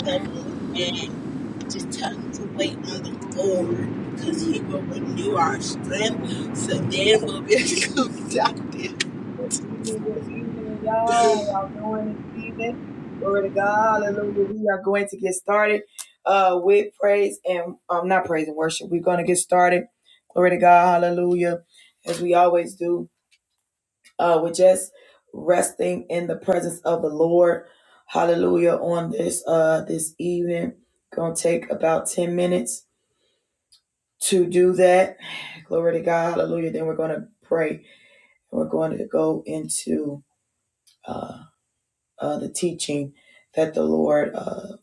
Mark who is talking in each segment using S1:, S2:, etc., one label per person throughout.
S1: level and just tell him to wait on the Lord because he will renew our strength so then we'll be conducted.
S2: Evening, good evening, y'all. How Y'all doing this evening? Glory to God, hallelujah. We are going to get started uh with praise and um not praise and worship. We're gonna get started. Glory to God, hallelujah, as we always do. Uh we're just resting in the presence of the Lord. Hallelujah on this uh this evening. Gonna take about 10 minutes to do that. Glory to God, hallelujah. Then we're gonna pray. We're going to go into uh. uh, the teaching that the Lord uh,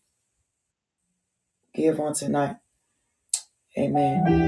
S2: give on tonight. Amen.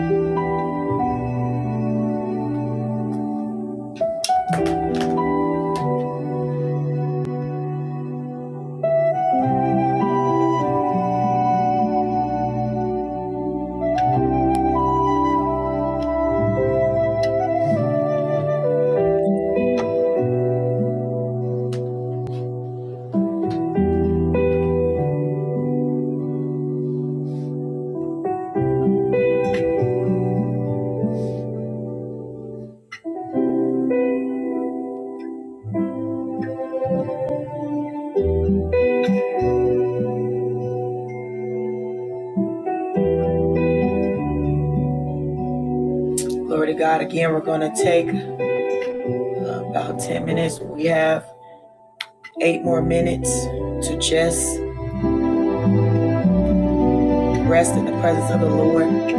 S2: Glory to God. Again, we're going to take uh, about 10 minutes. We have eight more minutes to just rest in the presence of the Lord.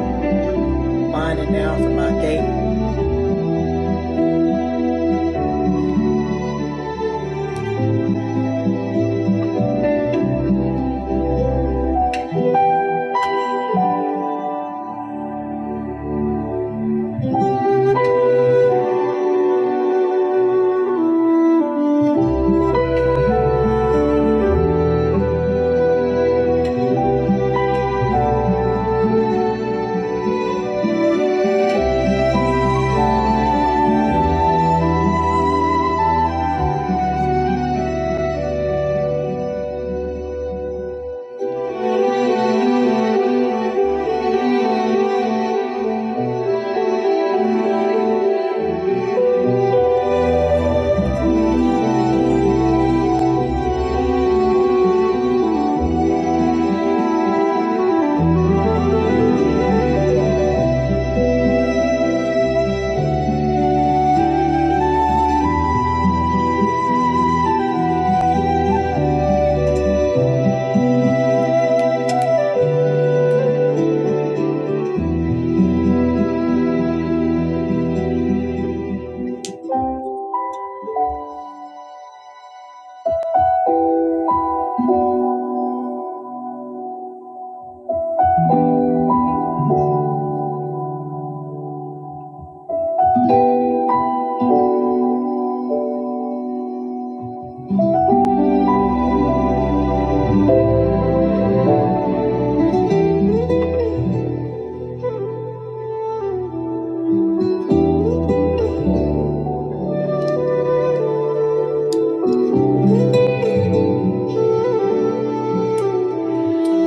S2: Winding down from our gate.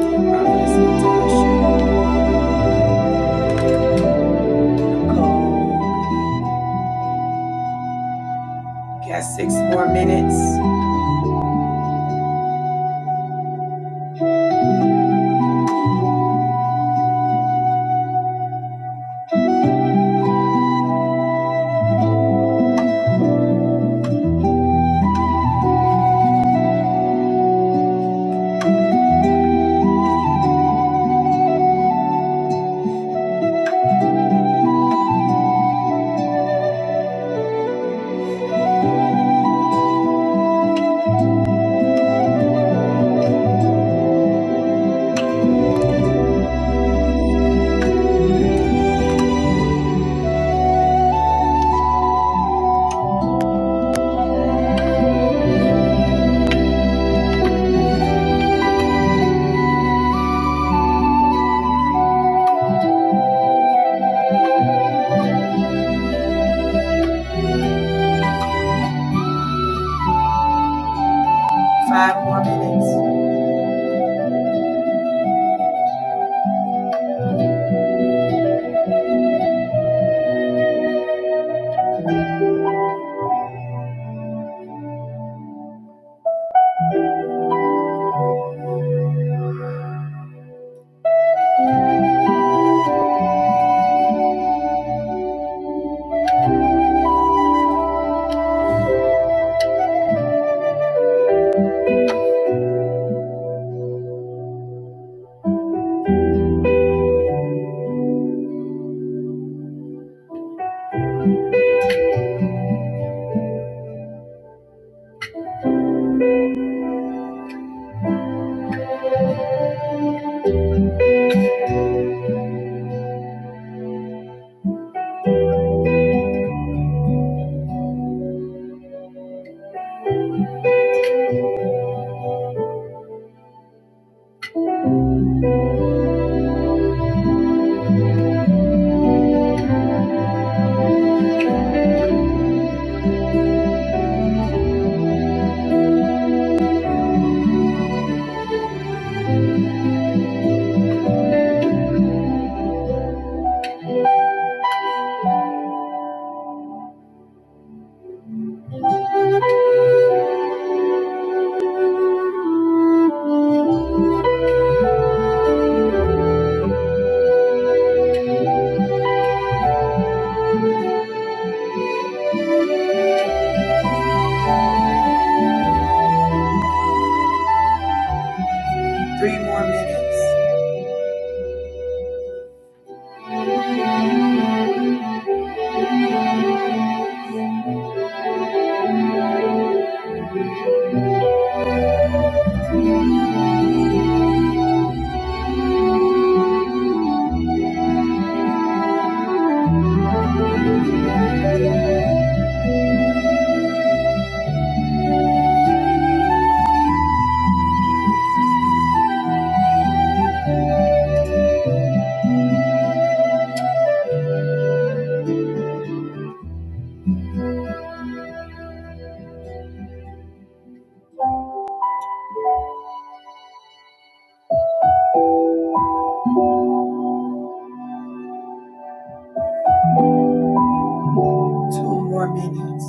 S2: Prophetess got six more minutes, five more minutes, three more minutes, two more minutes.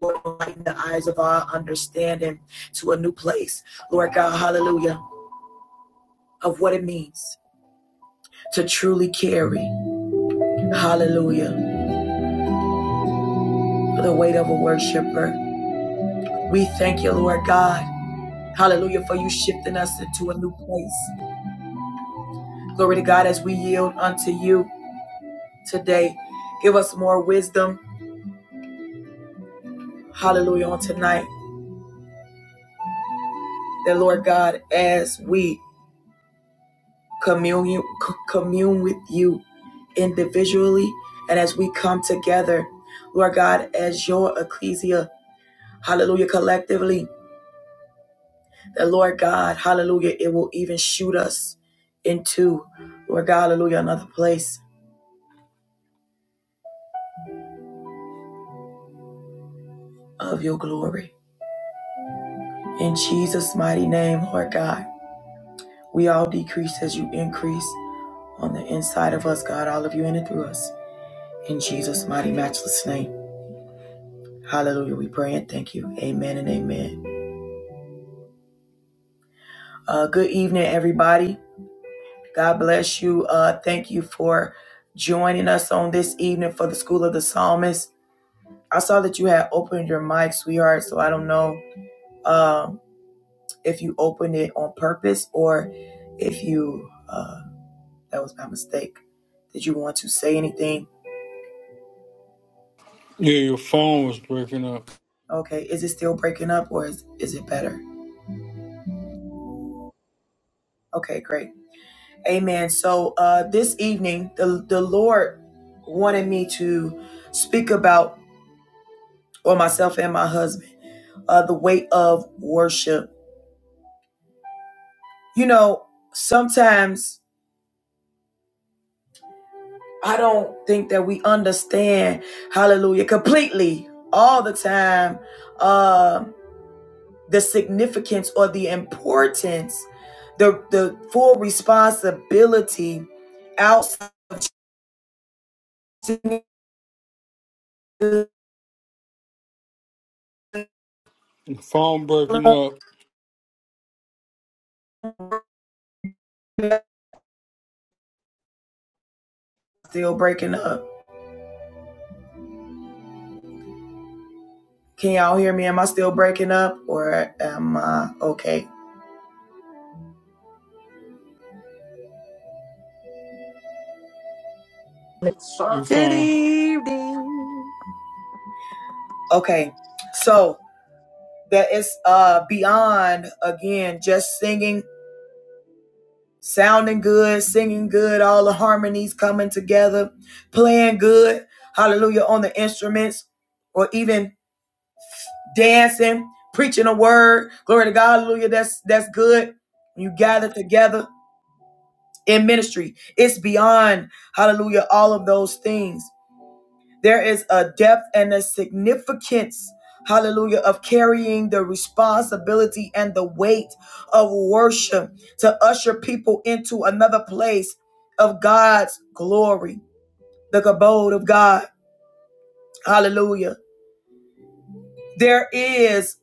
S2: Lord, lighten the eyes of our understanding to a new place. Lord God, hallelujah. of what it means to truly carry, hallelujah, the weight of a worshiper. We thank you, Lord God, hallelujah, for you shifting us into a new place. Glory to God as we yield unto you today. Give us more wisdom, hallelujah, on tonight. That, Lord God, as we commune, commune with you individually and as we come together, Lord God, as your ecclesia, hallelujah, collectively. That Lord God, hallelujah, it will even shoot us into, Lord God, hallelujah, another place of your glory. In Jesus' mighty name, Lord God, we all decrease as you increase on the inside of us, God, all of you in and through us. In Jesus' mighty, matchless name. Hallelujah. We pray and thank you. Amen and amen. Uh, good evening, everybody. God bless you. Uh, thank you for joining us on this evening for the School of the Psalmist. I saw that you had opened your mic, sweetheart, so I don't know. um, if you open it on purpose or if you uh, that was my mistake did you want to say anything
S3: Yeah, your phone was breaking up.
S2: okay is it still breaking up or is, is it better okay great amen so uh, this evening the, the lord wanted me to speak about or myself and my husband uh, the weight of worship you know sometimes i don't think that we understand hallelujah completely all the time um the significance or the importance, the the full responsibility outside
S3: Your phone breaking up.
S2: still breaking up. Can y'all hear me? Am I still breaking up or am I okay?
S3: You
S1: Good
S3: fine?
S1: evening.
S2: Okay. So that is uh beyond again just singing, sounding good, singing good, all the harmonies coming together, playing good, hallelujah, on the instruments or even dancing, preaching a word. Glory to God, hallelujah. That's that's good. You gather together in ministry. It's beyond, hallelujah, all of those things. There is a depth and a significance, hallelujah, of carrying the responsibility and the weight of worship to usher people into another place of God's glory, the abode of God. Hallelujah. There is,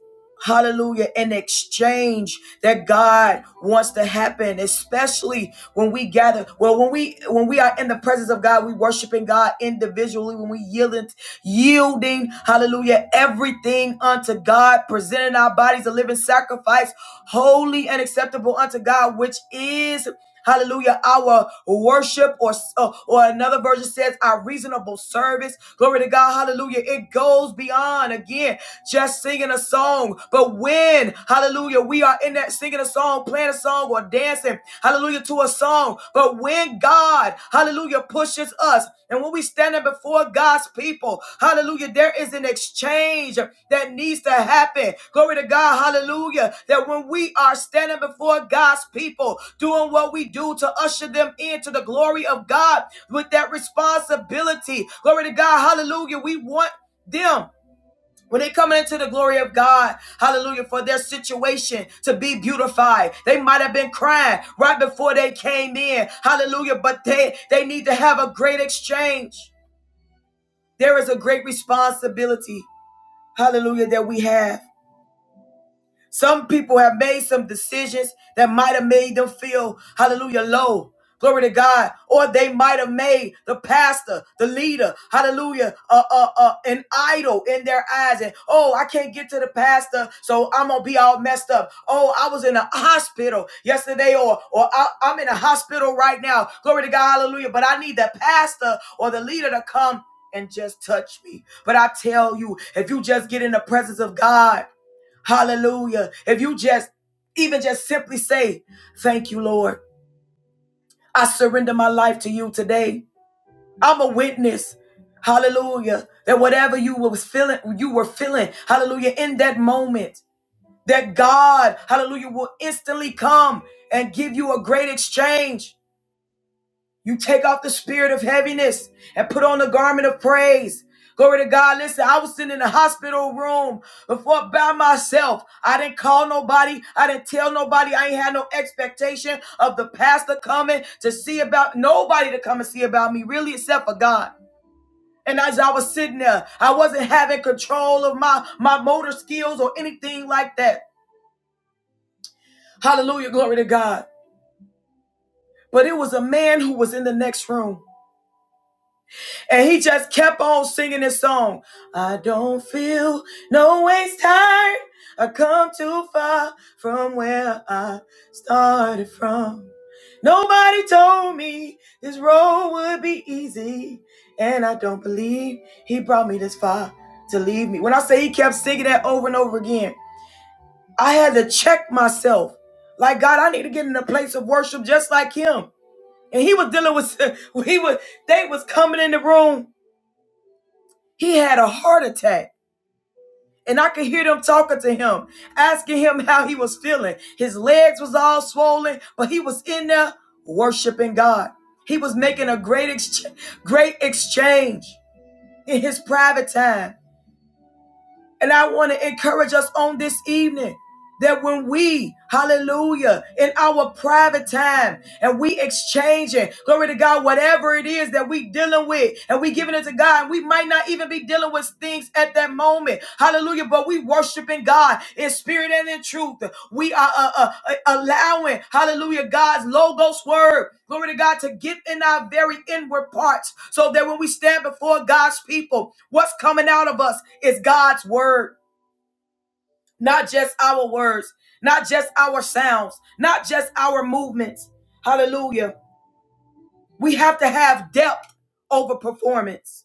S2: hallelujah, an exchange that God wants to happen, especially when we gather. Well, when we when we are in the presence of God, we worshiping God individually, when we yielding, yielding, hallelujah, everything unto God, presenting our bodies a living sacrifice holy and acceptable unto God, which is Hallelujah, our worship, or uh, or another version says our reasonable service. Glory to God, hallelujah. It goes beyond again just singing a song. But when, hallelujah, we are in that singing a song, playing a song, or dancing, hallelujah, to a song. But when God God, hallelujah, pushes us. And when we standing before God's people, hallelujah, there is an exchange that needs to happen. Glory to God, hallelujah, that when we are standing before God's people, doing what we do to usher them into the glory of God with that responsibility, glory to God, hallelujah, we want them when they coming into the glory of God, hallelujah, for their situation to be beautified. They might have been crying right before they came in. Hallelujah. But they they need to have a great exchange. There is a great responsibility, hallelujah, that we have. Some people have made some decisions that might have made them feel, hallelujah, low. Glory to God. Or they might have made the pastor, the leader, hallelujah, uh, uh, uh, an idol in their eyes. And, oh, I can't get to the pastor, so I'm going to be all messed up. Oh, I was in a hospital yesterday, or, or I, I'm in a hospital right now. Glory to God, hallelujah. But I need the pastor or the leader to come and just touch me. But I tell you, if you just get in the presence of God, Hallelujah. If you just even just simply say, Thank you, Lord. I surrender my life to you today. I'm a witness. Hallelujah. That whatever you was feeling, you were feeling, hallelujah, in that moment, that God, hallelujah, will instantly come and give you a great exchange. You take off the spirit of heaviness and put on the garment of praise. Glory to God. Listen, I was sitting in the hospital room before by myself. I didn't call nobody. I didn't tell nobody. I ain't had no expectation of the pastor coming to see about nobody to come and see about me, really, except for God. And as I was sitting there, I wasn't having control of my, my motor skills or anything like that. Hallelujah. Glory to God. But it was a man who was in the next room. And he just kept on singing his song. I don't feel no ways tired. I come too far from where I started from. Nobody told me this road would be easy. And I don't believe he brought me this far to leave me. When I say he kept singing that over and over again, I had to check myself. Like God, I need to get in a place of worship just like him. And he was dealing with he was they was coming in the room he had a heart attack. And I could hear them talking to him, asking him how he was feeling. His legs was all swollen, but he was in there worshiping God. He was making a great ex- great exchange in his private time. And I want to encourage us on this evening that when we, hallelujah, in our private time and we exchanging, glory to God, whatever it is that we dealing with and we giving it to God, and we might not even be dealing with things at that moment, hallelujah, but we worshiping God in spirit and in truth. We are uh, uh, uh, allowing, hallelujah, God's logos word, glory to God, to get in our very inward parts so that when we stand before God's people, what's coming out of us is God's word not just our words, not just our sounds, not just our movements. Hallelujah. We have to have depth over performance.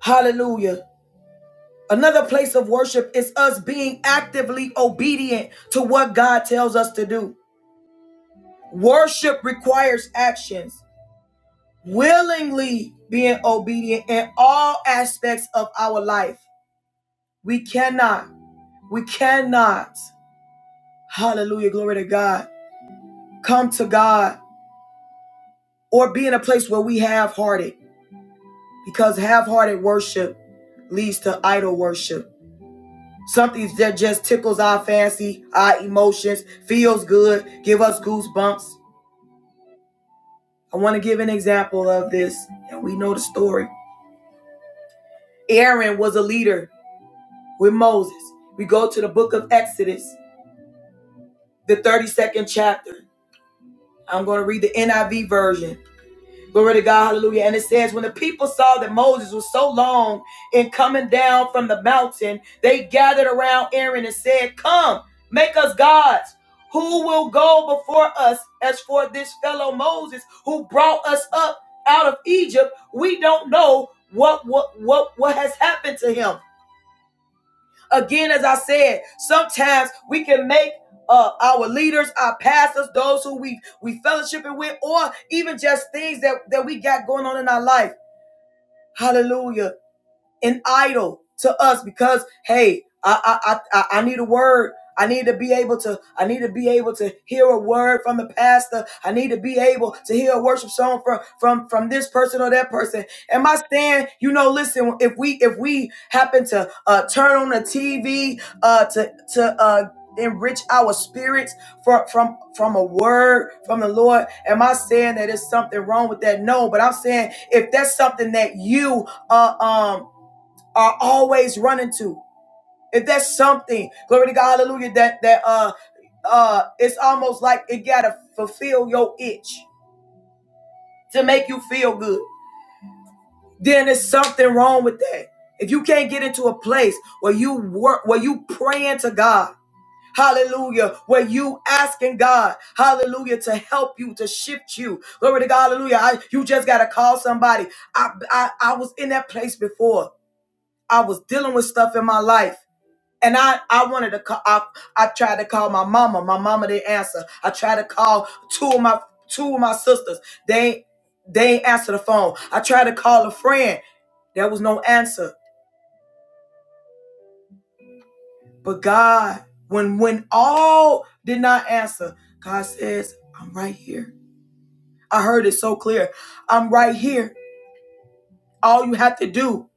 S2: Hallelujah. Another place of worship is us being actively obedient to what God tells us to do. Worship requires actions, willingly being obedient in all aspects of our life. We cannot, we cannot, hallelujah, glory to God, come to God or be in a place where we half hearted because half hearted worship leads to idol worship. Something that just tickles our fancy, our emotions, feels good, give us goosebumps. I want to give an example of this, and we know the story. Aaron was a leader with Moses. We go to the book of Exodus, the 32nd chapter. I'm going to read the NIV version. Glory to God, hallelujah. And it says, when the people saw that Moses was so long in coming down from the mountain, they gathered around Aaron and said, Come, make us gods. Who will go before us as for this fellow Moses who brought us up out of Egypt? We don't know what what what, what has happened to him. Again, as I said, sometimes we can make uh, our leaders, our pastors, those who we we fellowshipping with, or even just things that that we got going on in our life. Hallelujah an idol to us because hey, I I I, I need a word. I need to be able to. I need to be able to hear a word from the pastor. I need to be able to hear a worship song from from from this person or that person. Am I saying, you know, listen, if we if we happen to uh, turn on the TV uh, to to uh, enrich our spirits from from from a word from the Lord, am I saying that there's something wrong with that? No, but I'm saying if that's something that you uh, um are always running to. If that's something, glory to God, hallelujah, that that uh uh it's almost like it gotta fulfill your itch to make you feel good, then there's something wrong with that. If you can't get into a place where you work where you praying to God, hallelujah, where you asking God, hallelujah, to help you, to shift you. Glory to God, hallelujah. I, you just gotta call somebody. I, I I was in that place before. I was dealing with stuff in my life. And I, I wanted to call. I, I tried to call my mama. My mama didn't answer. I tried to call two of my two of my sisters. They they ain't answer the phone. I tried to call a friend. There was no answer. But God, when when all did not answer, God says, "I'm right here." I heard it so clear. I'm right here. All you have to do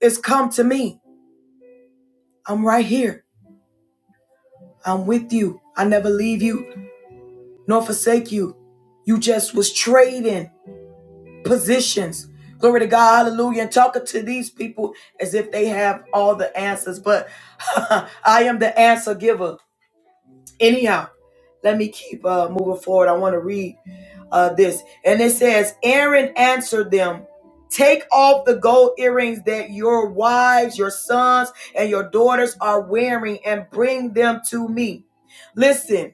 S2: is come to me. I'm right here. I'm with you. I never leave you nor forsake you. You just was trading. positions. Glory to God, hallelujah. And talking to these people as if they have all the answers. But I am the answer giver. Anyhow, let me keep uh, moving forward. I want to read uh, this. And it says, Aaron answered them, Take off the gold earrings that your wives, your sons, and your daughters are wearing and bring them to me. Listen.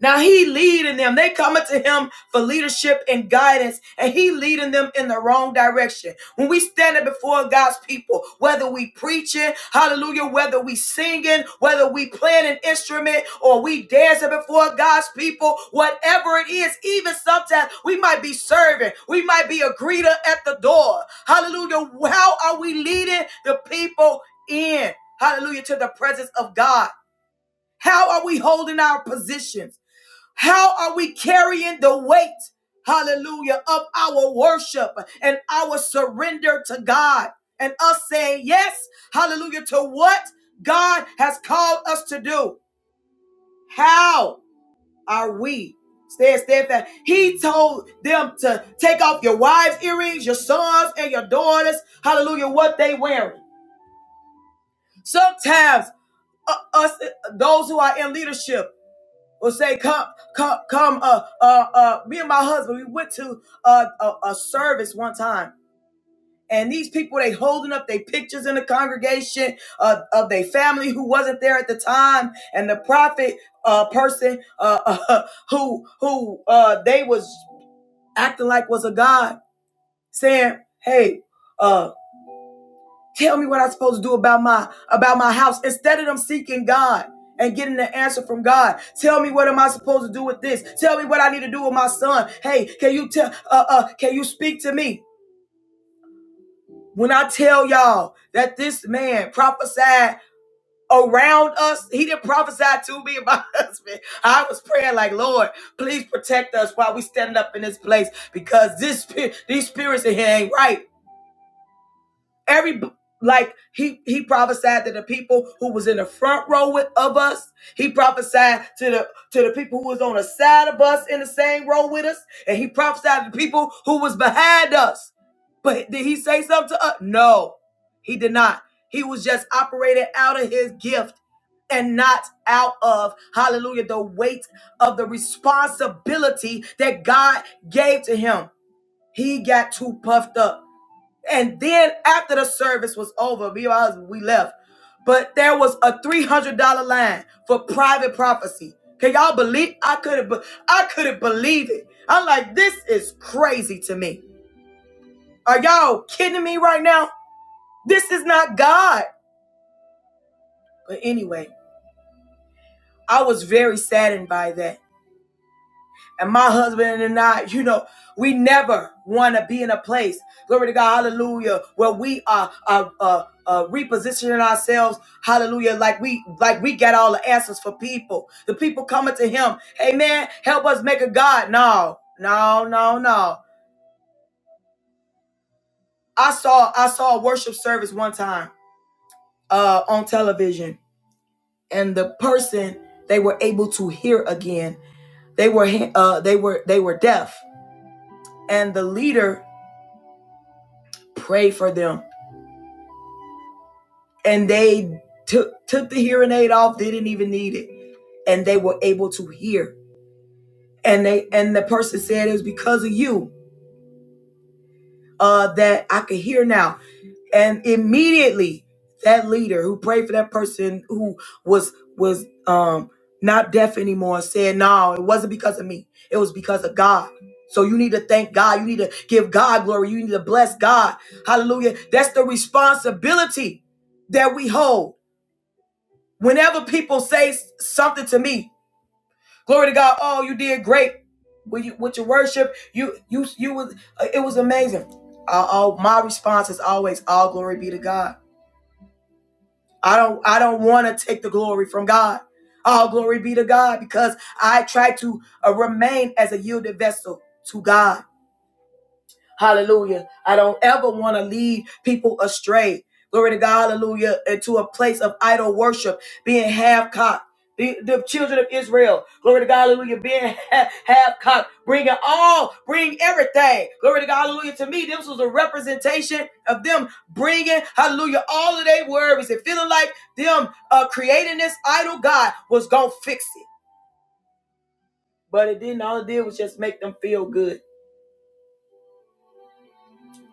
S2: Now he leading them. They coming to him for leadership and guidance, and he leading them in the wrong direction. When we standing before God's people, whether we preaching, hallelujah, whether we singing, whether we playing an instrument, or we dancing before God's people, whatever it is, even sometimes we might be serving, we might be a greeter at the door. Hallelujah. How are we leading the people in? Hallelujah to the presence of God. How are we holding our positions? How are we carrying the weight, hallelujah, of our worship and our surrender to God and us saying yes, hallelujah, to what God has called us to do? How are we? Stand steadfast. He told them to take off your wives' earrings, your sons and your daughters. Hallelujah, what they wearing. Sometimes uh, us, uh, those who are in leadership, Or say come, come, come. Uh, uh, uh. Me and my husband, we went to uh, a, a service one time, and these people they holding up their pictures in the congregation uh, of their family who wasn't there at the time, and the prophet uh, person uh, uh, who who uh, they was acting like was a god, saying, "Hey, uh. Tell me what I'm supposed to do about my about my house instead of them seeking God and getting the answer from God. Tell me what am I supposed to do with this? Tell me what I need to do with my son. Hey, can you tell uh uh can you speak to me? When I tell y'all that this man prophesied around us, he didn't prophesy to me and my husband. I was praying like, Lord, please protect us while we standing up in this place because this spi- these spirits in here ain't right. every like he he prophesied to the people who was in the front row with of us he prophesied to the to the people who was on the side of us in the same row with us and he prophesied to the people who was behind us but did he say something to us no he did not he was just operating out of his gift and not out of hallelujah the weight of the responsibility that god gave to him he got too puffed up and then after the service was over, me and my husband, we left. But there was a three hundred dollar line for private prophecy. Can y'all believe? I couldn't. be- I couldn't believe it. I'm like, this is crazy to me. Are y'all kidding me right now? This is not God. But anyway, I was very saddened by that. And my husband and I, you know, we never want to be in a place, glory to God, hallelujah, where we are uh, uh, uh, repositioning ourselves, hallelujah, like we like we got all the answers for people. The people coming to him, hey man, help us make a God. No, no, no, no. I saw I saw a worship service one time uh, on television, and the person they were able to hear again. They were uh, they were they were deaf, and the leader prayed for them and they took took the hearing aid off. They didn't even need it, and they were able to hear. And they and the person said it was because of you uh, that I could hear now. And immediately, that leader who prayed for that person who was was um, not deaf anymore said, "No, it wasn't because of me. It was because of God." So you need to thank God. You need to give God glory. You need to bless God. Hallelujah. That's the responsibility that we hold. Whenever people say s- something to me, glory to God, oh, you did great with, you, with your worship. You, you, you was, uh, it was amazing. Uh, oh, my response is always, all glory be to God. I don't, I don't want to take the glory from God. All glory be to God because I try to uh, remain as a yielded vessel to God. Hallelujah. I don't ever want to lead people astray. Glory to God. Hallelujah. Into a place of idol worship, being half cocked. The, the children of Israel, glory to God, hallelujah, being half, half cocked, bring it all, bring everything, glory to God, hallelujah. To me, this was a representation of them bringing, hallelujah, all of their worries and feeling like them uh, creating this idol God was gonna fix it, but it didn't. All it did was just make them feel good.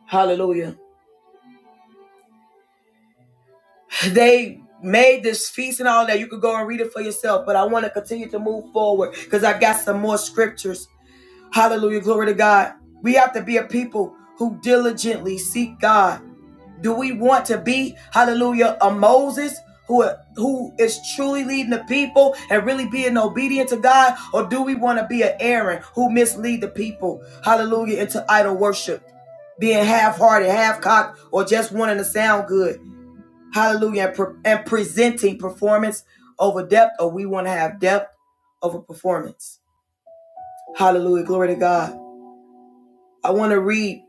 S2: Hallelujah. They made this feast and all that. You could go and read it for yourself, but I want to continue to move forward because I got some more scriptures. Hallelujah. Glory to God. We have to be a people who diligently seek God. Do we want to be, hallelujah, a Moses? Who, who is truly leading the people and really being obedient to God? Or do we want to be an Aaron who mislead the people? Hallelujah, into idol worship being half-hearted, half-cocked, or just wanting to sound good. Hallelujah. And, pre- and presenting performance over depth, or we want to have depth over performance. Hallelujah. Glory to God. I want to read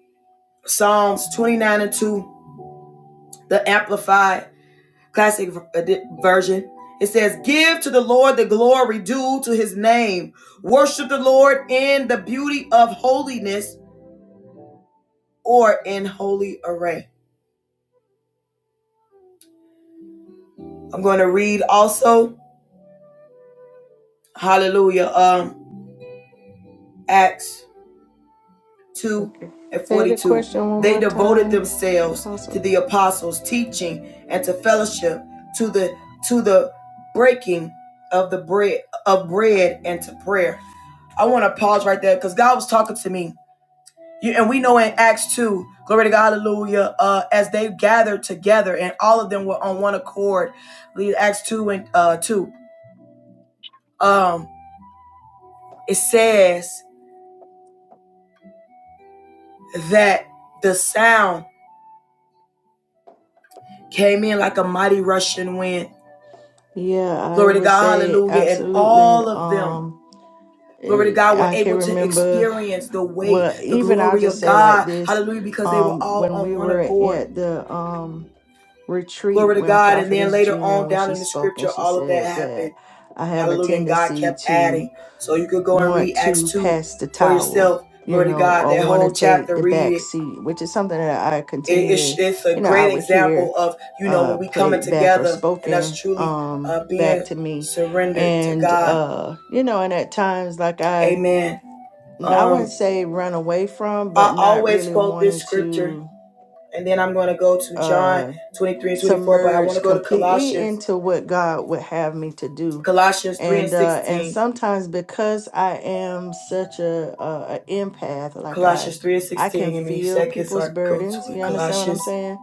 S2: Psalms 29 and 2, the Amplified Classic Version. It says, Give to the Lord the glory due to his name. Worship the Lord in the beauty of holiness or in holy array. I'm going to read also, hallelujah, um, Acts 2
S1: Okay.
S2: and
S1: Say the
S2: 42.
S1: question one
S2: They
S1: more
S2: devoted
S1: time,
S2: themselves to
S1: Apostle.
S2: the apostles' teaching and to fellowship, to the to the breaking of the bread of bread and to prayer. I want to pause right there because God was talking to me. You, and we know in Acts 2, glory to God, hallelujah, uh, as they gathered together and all of them were on one accord, Acts 2 and uh, 2, um, it says that the sound came in like a mighty rushing wind
S1: Yeah, I
S2: Glory to
S1: would
S2: God,
S1: say
S2: hallelujah. And
S1: absolutely.
S2: all of them,
S1: Um,
S2: glory to
S1: it,
S2: God, were
S1: I can
S2: able to
S1: remember.
S2: experience the weight,
S1: Well,
S2: the
S1: even I'll
S2: glory
S1: just
S2: of
S1: say like
S2: God,
S1: this.
S2: hallelujah, because they were
S1: Um,
S2: all
S1: when
S2: on
S1: we
S2: one
S1: were
S2: accord.
S1: at the um retreat
S2: Glory to
S1: when
S2: God. And then
S1: Prophetess
S2: later
S1: Gina,
S2: on
S1: when
S2: down
S1: she
S2: in the
S1: spoke, and
S2: scripture,
S1: she
S2: all of that
S1: said that
S2: happened.
S1: I have a
S2: Hallelujah. And God
S1: tendency
S2: kept
S1: to
S2: adding. So you could go and
S1: want
S2: read Acts
S1: to
S2: 2
S1: pass the
S2: for
S1: towel,
S2: yourself.
S1: you
S2: Glory to
S1: know,
S2: God.
S1: or
S2: That
S1: want to
S2: whole
S1: take
S2: chapter,
S1: the
S2: read
S1: back
S2: it.
S1: seat, which is something that I
S2: It-
S1: continue
S2: it's,
S1: to,
S2: it's a
S1: you know, I
S2: great
S1: would hear
S2: example of, you know, when
S1: uh
S2: we coming
S1: played back or
S2: together and us
S1: spoken
S2: truly
S1: um
S2: uh, being
S1: back to me.
S2: surrendered to
S1: And
S2: God.
S1: uh, you know, and at times like I
S2: Amen.
S1: I
S2: Um.
S1: wouldn't say run away from,
S2: I
S1: but not
S2: always
S1: really
S2: quote this
S1: wanting
S2: scripture,
S1: to
S2: and then I'm going to go to John
S1: uh,
S2: 23 and 24, but I want
S1: submerged
S2: to go to
S1: completely
S2: Colossians,
S1: into what God would have me to do.
S2: Colossians 3 and
S1: And uh and
S2: 16.
S1: sometimes because I am such a, a, a empath, like I
S2: Colossians 3 and
S1: I can
S2: 16. Give me a
S1: feel
S2: second so I
S1: people's
S2: can go
S1: burdens,
S2: to it.
S1: you understand what I'm
S2: Colossians
S1: saying?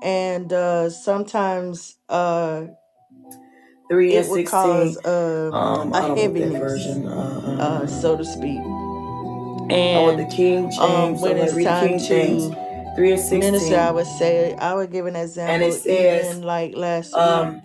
S1: And uh sometimes uh
S2: 3
S1: it
S2: and
S1: would cause
S2: 16.
S1: uh,
S2: Um,
S1: a
S2: I don't want that
S1: heaviness,
S2: version.
S1: uh so
S2: Uh,
S1: to speak.
S2: I want the
S1: And
S2: King
S1: um
S2: James. so
S1: when
S2: I'm going to
S1: it's
S2: read the
S1: time
S2: King
S1: to
S2: James 3 and
S1: Minister, I would
S2: 16.
S1: say, I would give an
S2: And it
S1: example
S2: says,
S1: even like last week,
S2: um.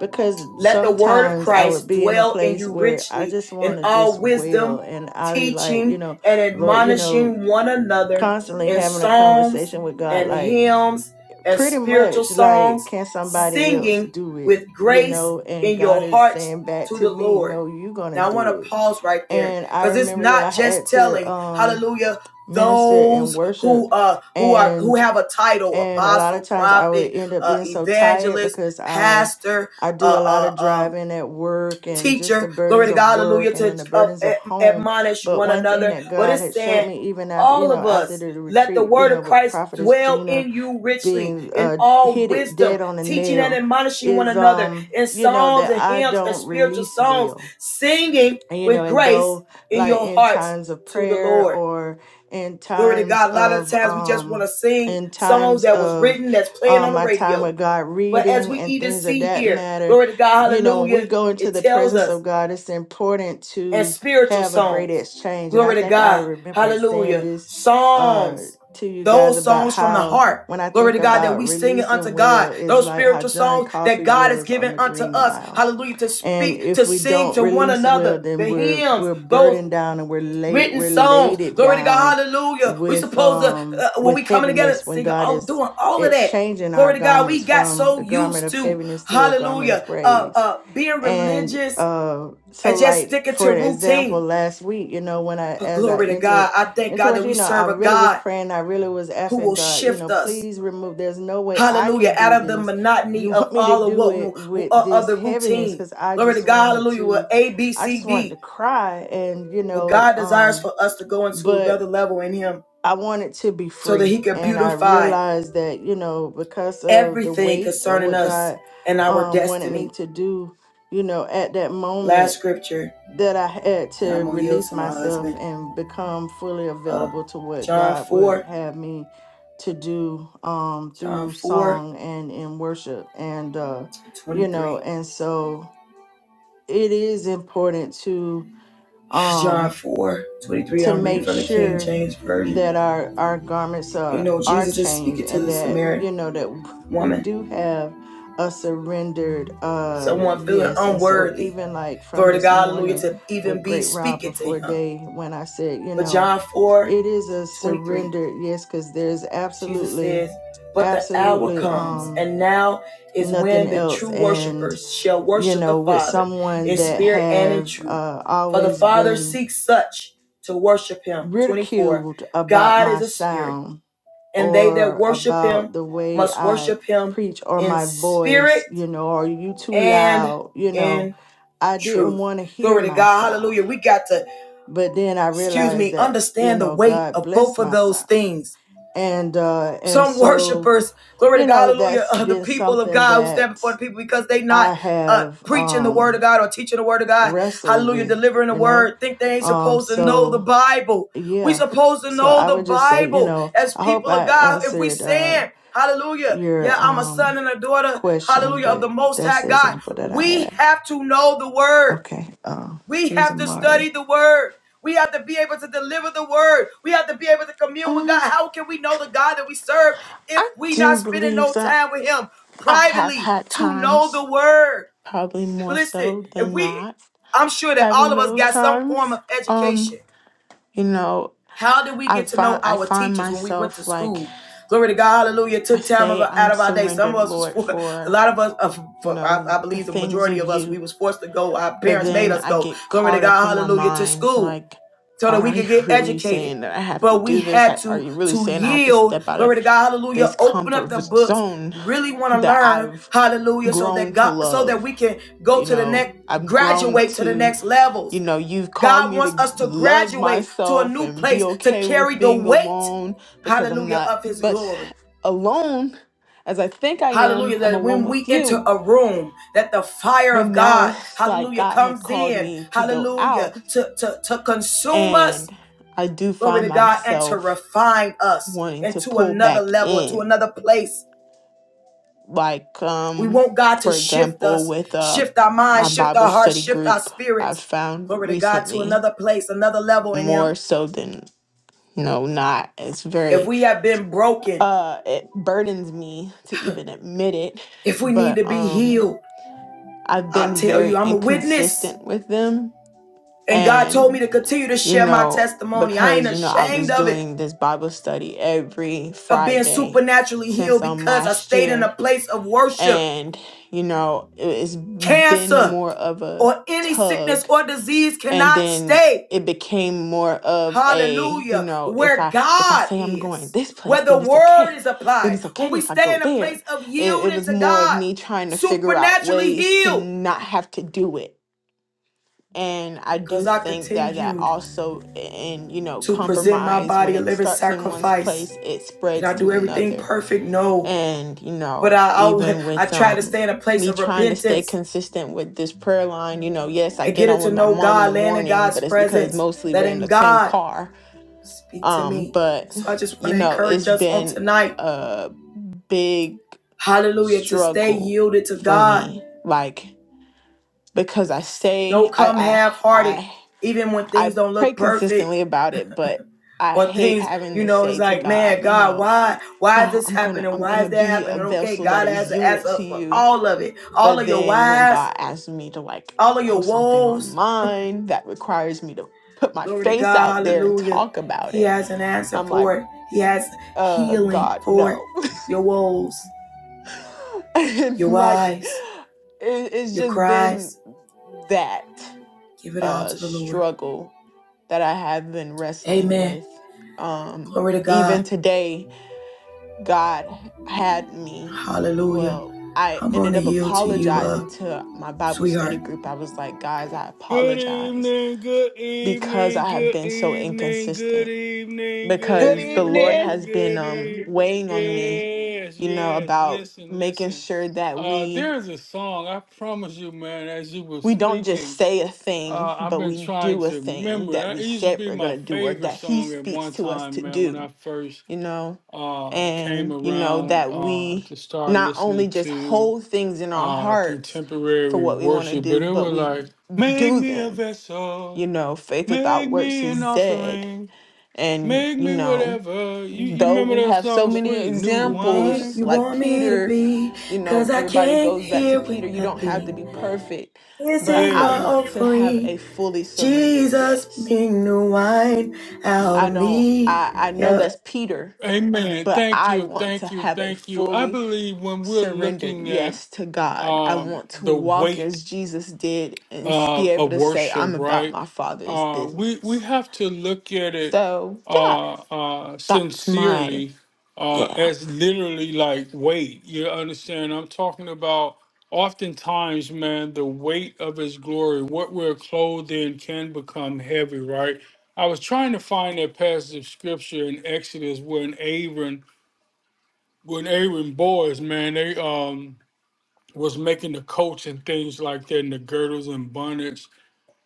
S1: because
S2: Let the word of
S1: sometimes I would
S2: Christ
S1: be in a
S2: dwell in
S1: place
S2: you
S1: where I
S2: richly
S1: just
S2: in
S1: want to just
S2: all
S1: wail
S2: wisdom,
S1: and I be like, you
S2: teaching
S1: know,
S2: and
S1: Lord, you know,
S2: admonishing one another
S1: constantly
S2: in
S1: having a
S2: psalms
S1: conversation with God,
S2: and
S1: like
S2: hymns and
S1: pretty
S2: spiritual
S1: much
S2: songs,
S1: like, can somebody else
S2: singing
S1: do
S2: with
S1: it? You
S2: grace
S1: know, and
S2: in
S1: God
S2: your
S1: is
S2: hearts
S1: saying back
S2: to
S1: to
S2: the
S1: me,
S2: Lord.
S1: no, you're gonna
S2: Now I want
S1: do
S2: to
S1: it.
S2: pause right there
S1: And I
S2: because it's
S1: remember that I
S2: not just
S1: had to
S2: telling,
S1: um
S2: hallelujah,
S1: minister and
S2: those who
S1: worship
S2: uh who are who have a title,
S1: and a lot
S2: apostle,
S1: of times I would
S2: prophet,
S1: end up
S2: uh,
S1: being so tired
S2: evangelist,
S1: because I
S2: pastor,
S1: I do a lot
S2: uh,
S1: of
S2: uh, um,
S1: driving at work and just the
S2: teacher. Glory
S1: burdens
S2: to
S1: of
S2: God,
S1: work
S2: hallelujah,
S1: and then
S2: to
S1: the
S2: uh,
S1: burdens of home.
S2: admonish
S1: But
S2: one
S1: one thing
S2: another.
S1: that
S2: But
S1: God
S2: it's
S1: had showed
S2: saying,
S1: me even after, you
S2: all
S1: know,
S2: of
S1: after the
S2: us, let the
S1: retreat, you
S2: word
S1: know,
S2: of
S1: with
S2: Christ
S1: Prophetess
S2: dwell
S1: Gina
S2: in you richly
S1: being
S2: in
S1: uh
S2: all
S1: hit it
S2: wisdom,
S1: dead on the
S2: teaching and
S1: nail
S2: admonishing one
S1: is
S2: another
S1: um,
S2: in
S1: you know,
S2: psalms
S1: that
S2: and
S1: I
S2: hymns and
S1: don't
S2: spiritual
S1: release
S2: songs,
S1: well
S2: singing
S1: and, you know,
S2: with
S1: and
S2: grace
S1: though
S2: in
S1: like
S2: your
S1: in
S2: hearts
S1: times of
S2: to the
S1: prayer
S2: Lord.
S1: or in
S2: Glory to
S1: times
S2: God. A lot of
S1: of
S2: times we just want
S1: um
S2: to sing
S1: in
S2: songs
S1: times
S2: that was
S1: of
S2: written that's playing
S1: um
S2: on the
S1: my time
S2: radio
S1: with God
S2: but as
S1: reading
S2: we
S1: and
S2: even
S1: things of
S2: see
S1: that
S2: here,
S1: matter,
S2: glory to God,
S1: you know, when we
S2: hallelujah,
S1: go into
S2: it
S1: the
S2: tells
S1: presence of
S2: us,
S1: God, it's important
S2: and
S1: to
S2: spiritual
S1: have a great
S2: songs,
S1: exchange. And I
S2: glory to
S1: think I
S2: God,
S1: remember saying
S2: hallelujah,
S1: this uh
S2: psalms,
S1: to you guys
S2: those
S1: about
S2: songs from the
S1: how
S2: heart.
S1: when I
S2: Glory
S1: think
S2: to God that
S1: about
S2: we sing it unto
S1: releasing will
S2: God.
S1: is
S2: Those
S1: like how
S2: spiritual
S1: John
S2: songs that
S1: Coffey
S2: God has
S1: was on
S2: given
S1: the
S2: unto
S1: Green
S2: us.
S1: Mile
S2: Hallelujah. To
S1: and
S2: speak, to
S1: if we
S2: sing
S1: don't
S2: to one
S1: release well,
S2: another.
S1: then
S2: The
S1: we're
S2: hymns,
S1: we're
S2: those
S1: burdened down and we're laid
S2: written
S1: we're
S2: songs.
S1: laid
S2: Glory to
S1: down
S2: God, hallelujah. We
S1: with
S2: supposed to
S1: um
S2: uh, when
S1: with
S2: we coming together
S1: heaviness when
S2: singing,
S1: God
S2: all
S1: is
S2: doing all of
S1: it's
S2: that.
S1: changing our
S2: Glory to God. We
S1: garments
S2: got
S1: from
S2: so
S1: the garment
S2: used
S1: of
S2: to
S1: heaviness to a garment of
S2: hallelujah, uh,
S1: praise.
S2: uh, being
S1: And
S2: religious
S1: uh, so,
S2: and just
S1: like
S2: sticking
S1: for
S2: to
S1: an example,
S2: routine.
S1: last week, you know, when I
S2: But
S1: as I
S2: glory to
S1: entered
S2: God, I thank
S1: into
S2: God
S1: it,
S2: that we
S1: you know, I
S2: serve a
S1: really was
S2: God
S1: praying. I really was
S2: who
S1: asking
S2: will
S1: God, you
S2: shift
S1: know,
S2: us,
S1: please remove. There's no way I
S2: hallelujah,
S1: can do
S2: out of the
S1: this. If you
S2: monotony of
S1: want me to
S2: all of
S1: do
S2: what
S1: it with
S2: uh, of
S1: this
S2: the
S1: heaviness,
S2: routine.
S1: because I
S2: Glory to
S1: just
S2: God,
S1: wanted
S2: hallelujah. Well,
S1: to,
S2: A, B,
S1: I
S2: C,
S1: just wanted
S2: D.
S1: to cry, and you
S2: But
S1: know,
S2: God desires
S1: um,
S2: for us to go into
S1: but
S2: another level in Him
S1: I wanted to be
S2: so that
S1: free.
S2: He can
S1: And I
S2: beautify
S1: realized that, you know, because of the
S2: everything
S1: weight of
S2: concerning
S1: what
S2: us
S1: God
S2: and our
S1: um, wanted me
S2: destiny.
S1: to do, you know, at that moment,
S2: Last scripture,
S1: that I had
S2: and I'm
S1: to
S2: gonna yield
S1: release
S2: to my
S1: myself
S2: husband.
S1: and become fully
S2: Uh,
S1: available to what
S2: John
S1: God would
S2: 4,
S1: have me to do um,
S2: John
S1: through
S2: 4,
S1: song and in worship. And, uh, you know,
S2: 23.
S1: and so it is important to. Um,
S2: John 4, 23.
S1: to
S2: I'm reading
S1: make
S2: from the King
S1: sure
S2: James
S1: that
S2: Version.
S1: our our garments
S2: And You
S1: are
S2: know,
S1: are
S2: Jesus is
S1: changed
S2: speaking to
S1: and
S2: the
S1: that
S2: Samaritan
S1: you know that we do
S2: woman,
S1: have a surrendered uh
S2: someone feeling
S1: yes and so
S2: unworthy.
S1: even like from
S2: Glory to
S1: this
S2: God, hallelujah,
S1: morning
S2: to
S1: with
S2: even be
S1: great rob
S2: speaking to
S1: before
S2: him.
S1: day when i said you
S2: But
S1: know
S2: John 4,
S1: it is a
S2: 23.
S1: surrendered yes because there's
S2: Jesus
S1: absolutely
S2: says, But the hour
S1: absolutely
S2: comes,
S1: um
S2: and now is
S1: nothing
S2: when the
S1: else
S2: true
S1: and
S2: worshipers shall
S1: you
S2: worship the
S1: know with
S2: Father
S1: someone
S2: in
S1: that
S2: spirit and in
S1: have
S2: truth.
S1: uh
S2: For the
S1: always
S2: Father
S1: been
S2: seeks such to worship him. 24.
S1: ridiculed about
S2: God is
S1: my
S2: a spirit,
S1: sound
S2: and they that
S1: or
S2: worship
S1: about
S2: him
S1: the way
S2: must
S1: I
S2: worship him
S1: preach or
S2: in
S1: my voice,
S2: spirit
S1: you know, or you too
S2: and
S1: loud, you know.
S2: in
S1: I didn't
S2: truth.
S1: want to hear
S2: Glory to
S1: my
S2: God.
S1: sound.
S2: Hallelujah. We got to,
S1: But then I
S2: excuse
S1: realized
S2: me,
S1: that, you
S2: understand the
S1: know,
S2: weight
S1: God
S2: of
S1: blessed
S2: both of
S1: my
S2: those
S1: sound.
S2: things
S1: And uh and
S2: some
S1: so,
S2: worshipers, glory to
S1: you
S2: God,
S1: know,
S2: hallelujah,
S1: that's
S2: uh, the
S1: been
S2: people of
S1: something
S2: God who stand
S1: that
S2: before the people because they
S1: I
S2: not uh,
S1: have
S2: preaching the word of
S1: um
S2: God or teaching the word of God,
S1: wrestled
S2: hallelujah,
S1: with,
S2: delivering the
S1: you know.
S2: word, think they ain't
S1: Um
S2: supposed to know the
S1: so
S2: Bible. We
S1: Yeah.
S2: supposed to
S1: So
S2: know
S1: I
S2: the
S1: would just say, you
S2: Bible
S1: know,
S2: as
S1: I hope
S2: people of
S1: I
S2: God. If we
S1: answered uh
S2: saying, hallelujah, yeah,
S1: your
S2: I'm a son
S1: um
S2: and a daughter,
S1: question,
S2: hallelujah, of the
S1: but
S2: Most
S1: that's
S2: High
S1: the
S2: God,
S1: example that I
S2: we
S1: had.
S2: have to know the word.
S1: Okay. Um
S2: We have to study the word. We have to be able to deliver the word. We have to be able to commune with God.
S1: Um,
S2: How can we know the God that we serve if
S1: I
S2: we
S1: do
S2: not spending
S1: believe
S2: no
S1: that
S2: time with him
S1: I have
S2: privately
S1: had
S2: to know
S1: times,
S2: the word?
S1: probably more
S2: Listen,
S1: so
S2: if
S1: than
S2: we
S1: not,
S2: I'm sure that all
S1: having
S2: of us
S1: those
S2: got some form
S1: times.
S2: of education.
S1: Um, you know,
S2: How did we
S1: I
S2: get to know
S1: find I
S2: our
S1: find
S2: teachers when we went to
S1: myself like
S2: school? Glory to God, hallelujah. It
S1: I
S2: Took time of,
S1: say
S2: out
S1: I'm
S2: of our day. Some
S1: surrendered,
S2: of us was
S1: Lord,
S2: for a
S1: for
S2: lot of us, uh,
S1: you
S2: for, I,
S1: know
S2: I
S1: the
S2: believe the
S1: things
S2: majority
S1: of
S2: of us,
S1: you
S2: we was forced to go. Our
S1: But
S2: parents made
S1: then
S2: us
S1: I
S2: go.
S1: get
S2: Glory to
S1: caught up
S2: God,
S1: in my
S2: hallelujah, to
S1: mind,
S2: school
S1: like,
S2: so that
S1: God,
S2: we
S1: are
S2: could
S1: you
S2: get
S1: really
S2: educated.
S1: saying that I have to
S2: But we
S1: do this?
S2: had
S1: I- Are
S2: to
S1: you really
S2: to
S1: saying I have to
S2: yield.
S1: step out
S2: Glory
S1: of
S2: to God,
S1: this
S2: hallelujah. Open up
S1: comfort
S2: the
S1: v-
S2: books.
S1: zone
S2: Really want to
S1: that
S2: learn,
S1: I've
S2: hallelujah, so that
S1: grown to
S2: God, so that
S1: love?
S2: we can go
S1: You
S2: to the
S1: know,
S2: next,
S1: I've grown
S2: graduate to the
S1: to,
S2: next levels.
S1: you know, you've called
S2: God
S1: me to
S2: wants us to
S1: love
S2: graduate to a
S1: myself
S2: new
S1: and be
S2: place to
S1: okay with
S2: carry the
S1: being
S2: weight,
S1: alone because I'm
S2: hallelujah,
S1: not
S2: of his
S1: much
S2: glory.
S1: alone as I think I am.
S2: Hallelujah.
S1: I'm
S2: That
S1: alone
S2: when we
S1: with
S2: enter
S1: you.
S2: a room, that the fire
S1: But
S2: of
S1: now
S2: God,
S1: it's like
S2: hallelujah,
S1: God has
S2: comes
S1: called
S2: in,
S1: me to go
S2: hallelujah,
S1: out
S2: to, to, to consume us,
S1: And I do
S2: glory
S1: find
S2: to God, and to
S1: myself
S2: refine us
S1: wanting to
S2: into
S1: pull
S2: another
S1: back
S2: level, to
S1: in.
S2: another place.
S1: Like,
S2: We
S1: um,
S2: want God to
S1: for
S2: shift
S1: example,
S2: us,
S1: with uh,
S2: shift our
S1: my
S2: minds, shift
S1: Bible
S2: our hearts,
S1: study
S2: shift our
S1: group, I
S2: spirits,
S1: found
S2: glory to God, to
S1: recently
S2: another place, another level in Him.
S1: more so than you know, not it's
S2: If
S1: very
S2: we have been broken,
S1: uh it burdens me to even admit it,
S2: If we need to
S1: but
S2: be
S1: um
S2: healed,
S1: I've
S2: I
S1: been
S2: tell
S1: very
S2: you, I'm a witness.
S1: inconsistent with them
S2: And God told me
S1: and.
S2: to continue to
S1: you
S2: share my
S1: know,
S2: testimony. I ain't
S1: because, you know, I was
S2: ashamed of it,
S1: doing this Bible study every
S2: of being
S1: Friday
S2: supernaturally
S1: since
S2: healed
S1: um
S2: because I
S1: last
S2: stayed in a
S1: year.
S2: place of worship.
S1: And, you know, it- it's been
S2: Cancer
S1: more of a
S2: or any sickness
S1: tug
S2: or disease
S1: and
S2: cannot
S1: then
S2: stay.
S1: it became more of a, you
S2: Hallelujah.
S1: know, if
S2: Where
S1: I if I
S2: God
S1: say I'm going
S2: is,
S1: this place,
S2: where the
S1: then it's
S2: word
S1: okay.
S2: is
S1: Then
S2: applied,
S1: it's
S2: when
S1: okay
S2: we
S1: if I
S2: stay
S1: go
S2: in a
S1: there.
S2: place of
S1: It, it
S2: yielding
S1: was
S2: to
S1: more of
S2: God,
S1: me trying to figure out
S2: supernaturally
S1: ways to
S2: healed.
S1: not have to do it and i do
S2: Because I
S1: think that that
S2: continued
S1: also and you know
S2: to present my
S1: compromise when
S2: body a
S1: it
S2: living
S1: starts in one's
S2: sacrifice.
S1: place it
S2: Did
S1: spreads
S2: I
S1: to
S2: do everything
S1: another
S2: perfect? No.
S1: and you
S2: But
S1: know
S2: I always,
S1: even
S2: I
S1: with
S2: try to
S1: um
S2: stay in a place
S1: me
S2: of
S1: trying to stay
S2: repentance
S1: consistent with this prayer line you know yes i
S2: and
S1: get
S2: get it
S1: on with
S2: to
S1: my
S2: know
S1: mom in the
S2: God, laying in
S1: morning
S2: God's
S1: but it's because
S2: presence,
S1: mostly we're in
S2: letting
S1: the same
S2: God
S1: car
S2: speak to
S1: um
S2: me.
S1: but
S2: So I just
S1: you
S2: want to
S1: know
S2: encourage
S1: it's
S2: us on
S1: been
S2: tonight,
S1: a big
S2: hallelujah, to stay
S1: struggle
S2: yielded to
S1: for
S2: God.
S1: me like because i say
S2: Don't come
S1: i
S2: half hearted,
S1: i
S2: even when
S1: I
S2: things don't
S1: pray
S2: look perfect.
S1: consistently about it, but I
S2: or
S1: hate
S2: things,
S1: having
S2: you
S1: to
S2: know, it's
S1: say to
S2: like,
S1: God,
S2: man,
S1: you
S2: God,
S1: know,
S2: why, why is
S1: God,
S2: this
S1: I'm gonna
S2: happening?
S1: I'm
S2: Why
S1: gonna
S2: is that
S1: be a
S2: happening? Okay,
S1: vessel that
S2: God
S1: is
S2: has an
S1: yielded
S2: answer
S1: to
S2: up for
S1: you.
S2: all of it, all
S1: But
S2: of your
S1: then when
S2: whys,
S1: God asks me to like
S2: all of your
S1: post something
S2: woes.
S1: online that requires me to put my
S2: Glory to
S1: face
S2: God,
S1: out there and
S2: Hallelujah.
S1: talk about
S2: He
S1: it,
S2: has an answer
S1: I'm like,
S2: for it. He has
S1: uh,
S2: healing
S1: God,
S2: for it.
S1: no.
S2: Your woes,
S1: and
S2: your
S1: like,
S2: whys,
S1: it, it's
S2: your
S1: just been
S2: cries.
S1: that
S2: Give it all
S1: uh
S2: to the Lord.
S1: struggle that I have been wrestling
S2: Amen.
S1: with. Um,
S2: Glory to
S1: even
S2: God,
S1: today, God had me.
S2: Hallelujah.
S1: Well, I
S2: I'm going
S1: ended
S2: to
S1: up
S2: yield to you, uh,
S1: apologizing to my Bible study
S2: sweetheart.
S1: group. I was like, guys, I
S3: Good
S1: apologize
S3: evening, good
S1: because
S3: evening,
S1: I have
S3: good
S1: been so
S3: evening, good
S1: inconsistent.
S3: evening, good
S4: Good
S1: Because the Lord
S4: evening.
S3: evening,
S1: has been
S3: good
S1: um,
S3: evening.
S1: weighing on me,
S3: Yes,
S1: you know,
S3: yes.
S1: about
S3: Listen,
S1: making
S3: listen.
S1: sure that
S3: Uh,
S1: we
S3: there is a song. I promise you, man. As you were
S1: we don't just
S3: speaking,
S1: say a
S3: uh,
S1: thing,
S3: I've
S1: but
S3: been
S1: we
S3: trying
S1: do a
S3: to
S1: thing
S3: remember.
S1: that
S3: It
S1: we
S3: It used to
S1: said
S3: be
S1: we're
S3: my
S1: gonna do or
S3: favorite
S1: that He
S3: song at
S1: speaks
S3: one
S1: to us
S3: time,
S1: to
S3: man. When
S1: do
S3: I first
S1: you know,
S3: uh, came
S1: and, you know,
S3: around
S1: that
S3: uh, to
S1: we
S3: start
S1: not only
S3: listening
S1: just
S3: to
S1: hold things in our
S3: uh
S1: hearts for
S3: contemporary
S1: what we want to
S3: worship, but
S1: do,
S3: it
S1: but
S3: was
S1: we
S3: like, make
S1: do
S3: me a
S1: them.
S3: vessel,
S1: You know, faith
S3: make
S1: without works
S3: me an
S1: is dead.
S3: offering,
S1: And,
S3: make
S1: you
S3: me
S1: know,
S3: whatever. You you
S1: though
S3: remember
S1: we
S3: that
S1: have so
S3: song,
S1: many
S3: Sweet New
S2: You make
S1: examples
S3: Wine?
S2: you
S1: like
S2: want me to
S1: Peter,
S2: be,
S1: you know,
S2: 'cause I
S1: everybody
S2: came
S1: goes back to
S2: here with
S1: Peter, you don't have to be
S2: nothing.
S1: perfect,
S2: This
S1: but
S2: is
S1: I
S2: my
S3: Yeah.
S1: want to have a
S2: offering.
S1: fully surrendered
S2: Jesus,
S1: yes.
S2: make new wine out
S1: I
S2: of
S1: don't
S2: me.
S1: I I know
S2: Yep.
S1: that's Peter,
S3: Amen.
S1: but
S3: Thank
S1: I
S3: you,
S1: want to
S3: thank you,
S1: have a
S3: thank you. I
S1: fully
S3: believe when we're
S1: surrendered
S3: looking at
S1: yes to God. I
S3: um
S1: want to
S3: the
S1: walk
S3: weight
S1: as Jesus did and be
S3: uh,
S1: able
S3: of
S1: to say
S3: worship,
S1: I'm about
S3: right?
S1: my father's
S3: Uh we we
S1: business.
S3: have to look at it
S1: So, yeah,
S3: uh, uh,
S1: that's my
S3: sincerely uh,
S1: yeah.
S3: as literally like weight. You understand? I'm talking about oftentimes, man, the weight of His glory, what we're clothed in, can become heavy, right? I was trying to find that passage of scripture in Exodus when Aaron, when Aaron boys, man, they um was making the coats and things like that, and the girdles and bonnets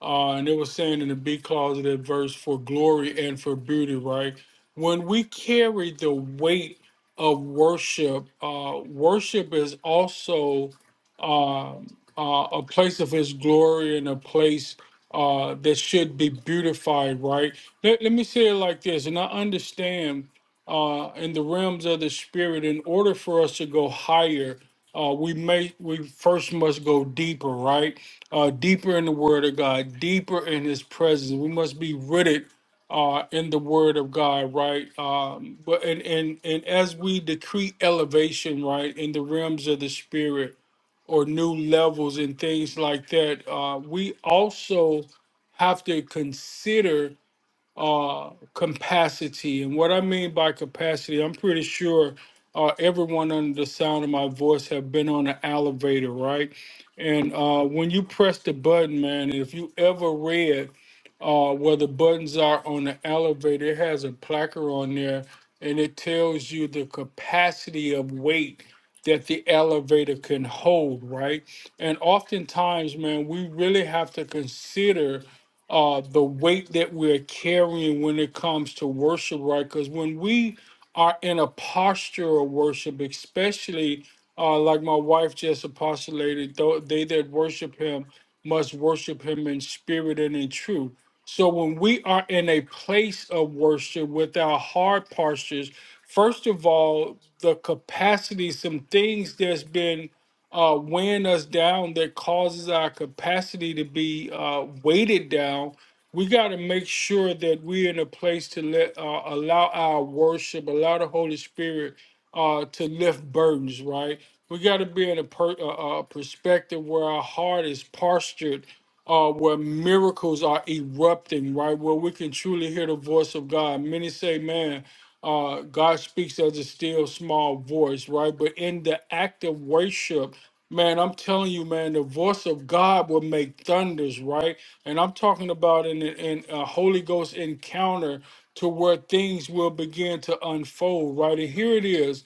S3: uh, and it was saying in the B clause of that verse for glory and for beauty, right? When we carry the weight of worship, uh, worship is also um uh, a place of His glory and a place uh, that should be beautified, right? Let, let me say it like this, and I understand uh, in the realms of the spirit, in order for us to go higher, uh, we may we first must go deeper, right? uh, deeper in the Word of God, deeper in His presence. We must be rooted uh, in the Word of God, right? Um, but and, and and as we decree elevation, right, in the realms of the Spirit or new levels and things like that, uh, we also have to consider uh, capacity. And what I mean by capacity, I'm pretty sure uh, everyone under the sound of my voice have been on an elevator, right? And uh, when you press the button, man, if you ever read uh, where the buttons are on the elevator, it has a placard on there and it tells you the capacity of weight that the elevator can hold, right? And oftentimes, man, we really have to consider uh, the weight that we're carrying when it comes to worship, right? Because when we are in a posture of worship, especially uh, like my wife just apostolated, though they that worship him must worship him in spirit and in truth. So when we are in a place of worship with our heart postures, first of all, the capacity, some things that's been uh, weighing us down that causes our capacity to be uh, weighted down, we got to make sure that we're in a place to let uh, allow our worship, allow the Holy Spirit uh, to lift burdens. Right? We got to be in a, per- a, a perspective where our heart is postured. Uh, where miracles are erupting, right? Where we can truly hear the voice of God. Many say, man, uh, God speaks as a still small voice, right? But in the act of worship, Man, I'm telling you, man, the voice of God will make thunders, right? And I'm talking about in, in a Holy Ghost encounter to where things will begin to unfold, right? And here it is.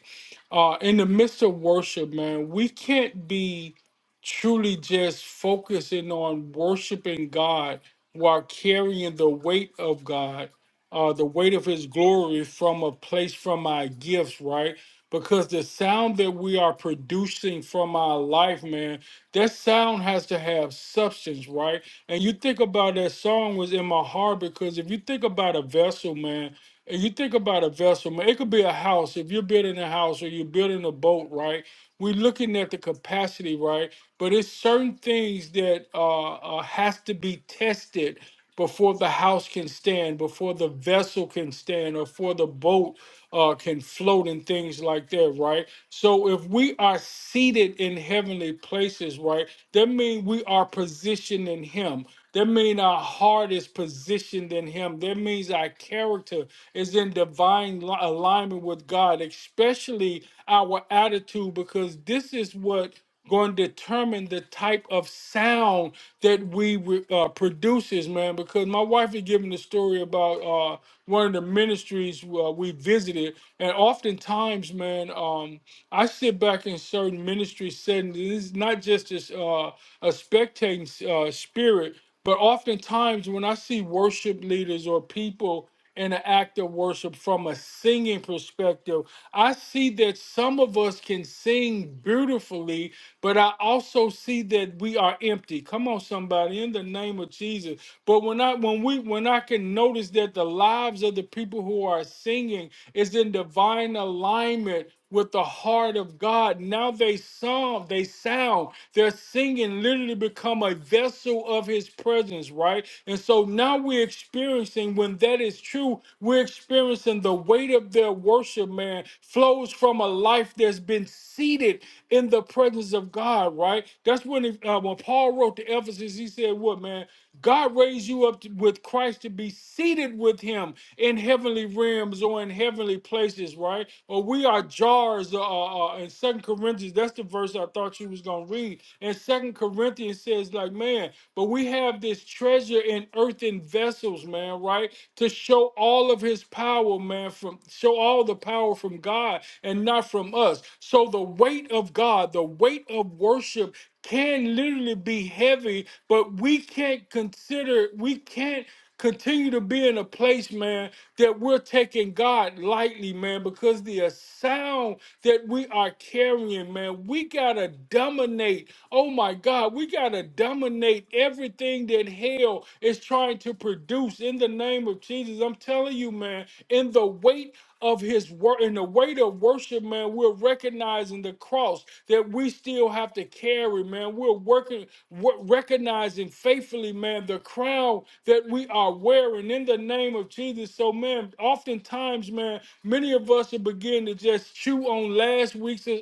S3: Uh, in the midst of worship, man, we can't be truly just focusing on worshiping God while carrying the weight of God, uh, the weight of His glory from a place from our gifts, right? because the sound that we are producing from our life, man, that sound has to have substance, right? And you think about that song was in my heart because if you think about a vessel, man, and you think about a vessel, man, it could be a house. If you're building a house or you're building a boat, right? We're looking at the capacity, right? But it's certain things that uh, uh, has to be tested before the house can stand, before the vessel can stand, or for the boat uh, can float and things like that, right? So if we are seated in heavenly places, right, that means we are positioned in Him. That means our heart is positioned in Him. That means our character is in divine li- alignment with God, especially our attitude, because this is what going to determine the type of sound that we re- uh, produces, man. Because my wife is giving the story about uh, one of the ministries uh, we visited, and oftentimes, man, um, I sit back in certain ministry settings. and It's not just this, uh, a spectating uh, spirit, but oftentimes when I see worship leaders or people in an act of worship from a singing perspective, I see that some of us can sing beautifully but I also see that we are empty. Come on, somebody, in the name of Jesus. But when I when we when I can notice that the lives of the people who are singing is in divine alignment with the heart of God. Now they song, they sound, their singing literally become a vessel of his presence, right? And so now we're experiencing when that is true, we're experiencing the weight of their worship, man, flows from a life that's been seated in the presence of God, right? That's when it, uh, when Paul wrote to Ephesus, he said, "What man? God raised you up to- with Christ to be seated with Him in heavenly realms or in heavenly places, right? Or we are jars." Uh, uh, uh, in Second Corinthians, that's the verse I thought you was gonna read. And Second Corinthians says, like, man, but we have this treasure in earthen vessels, man, right? to show all of his power, man, from show all the power from God and not from us. So the weight of God, the weight of worship can literally be heavy, but we can't consider, we can't continue to be in a place, man, that we're taking God lightly, man, because the sound that we are carrying, man, we gotta dominate. Oh my God, we gotta dominate everything that hell is trying to produce in the name of Jesus. I'm telling you, man, in the weight of his work, in the weight of worship, man, we're recognizing the cross that we still have to carry, man. We're working, wo- recognizing faithfully, man, the crown that we are wearing in the name of Jesus. So, man, oftentimes, man, many of us will begin to just chew on last week's uh,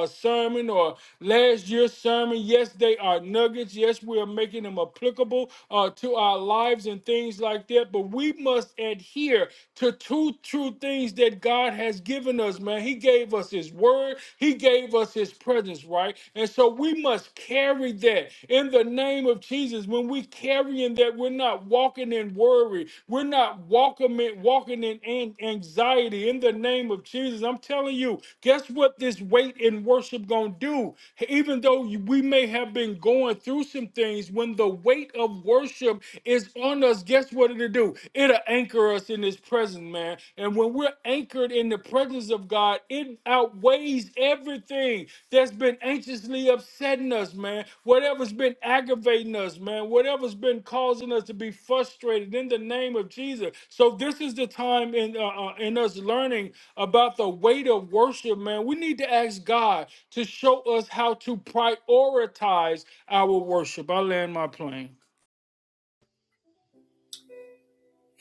S3: uh, sermon or last year's sermon. Yes, they are nuggets. Yes, we are making them applicable. Uh, uh, to our lives and things like that. But we must adhere to two true things that God has given us, man. He gave us His word, He gave us His presence, right? And so we must carry that in the name of Jesus. When we carry in that, we're not walking in worry, we're not walking in, walking in anxiety in the name of Jesus. I'm telling you, guess what this weight in worship gonna do? Even though we may have been going through some things, is when the weight of worship is on us, guess what it'll do? It'll anchor us in his presence, man. And when we're anchored in the presence of God, it outweighs everything that's been anxiously upsetting us, man. Whatever's been aggravating us, man. Whatever's been causing us to be frustrated in the name of Jesus. So this is the time in uh, uh, in us learning about the weight of worship, man. We need to ask God to show us how to prioritize our worship. I land my plane.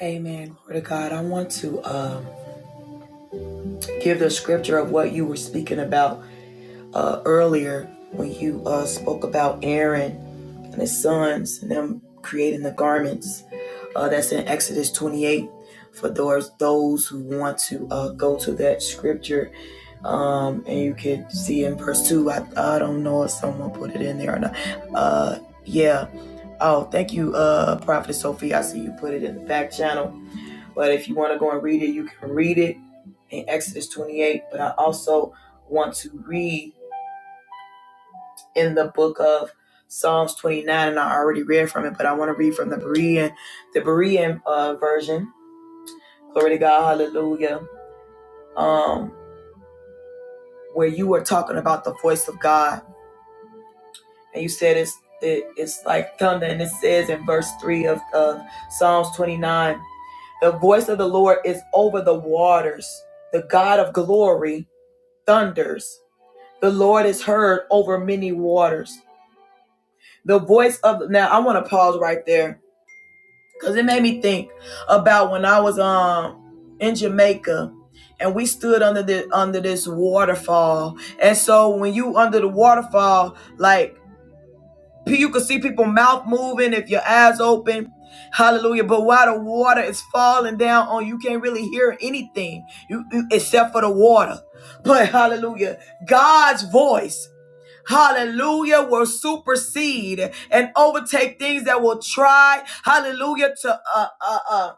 S2: Amen. Glory to God. I want to um, give the scripture of what you were speaking about uh, earlier when you uh, spoke about Aaron and his sons and them creating the garments. Uh, that's in Exodus 28 for those, those who want to uh, go to that scripture. Um, and you can see in verse 2, I, I don't know if someone put it in there or not. Uh, yeah. Oh, thank you, uh, Prophet Sophie. I see you put it in the back channel. But if you want to go and read it, you can read it in Exodus 28. But I also want to read in the book of Psalms 29, and I already read from it, but I want to read from the Berean, the Berean uh, version. Glory to God, Hallelujah. Um, where you were talking about the voice of God, and you said it's it, it's like thunder, and it says in verse three of, of Psalms 29, the voice of the Lord is over the waters. The God of glory thunders. The Lord is heard over many waters. The voice of now, I want to pause right there Cause it made me think about when I was um in Jamaica and we stood under the under this waterfall. And so when you under the waterfall, like you could see people mouth moving if your eyes open. Hallelujah. But while the water is falling down on you, can't really hear anything you, you- except for the water. But hallelujah. God's voice hallelujah, will supersede and overtake things that will try, hallelujah, to uh uh uh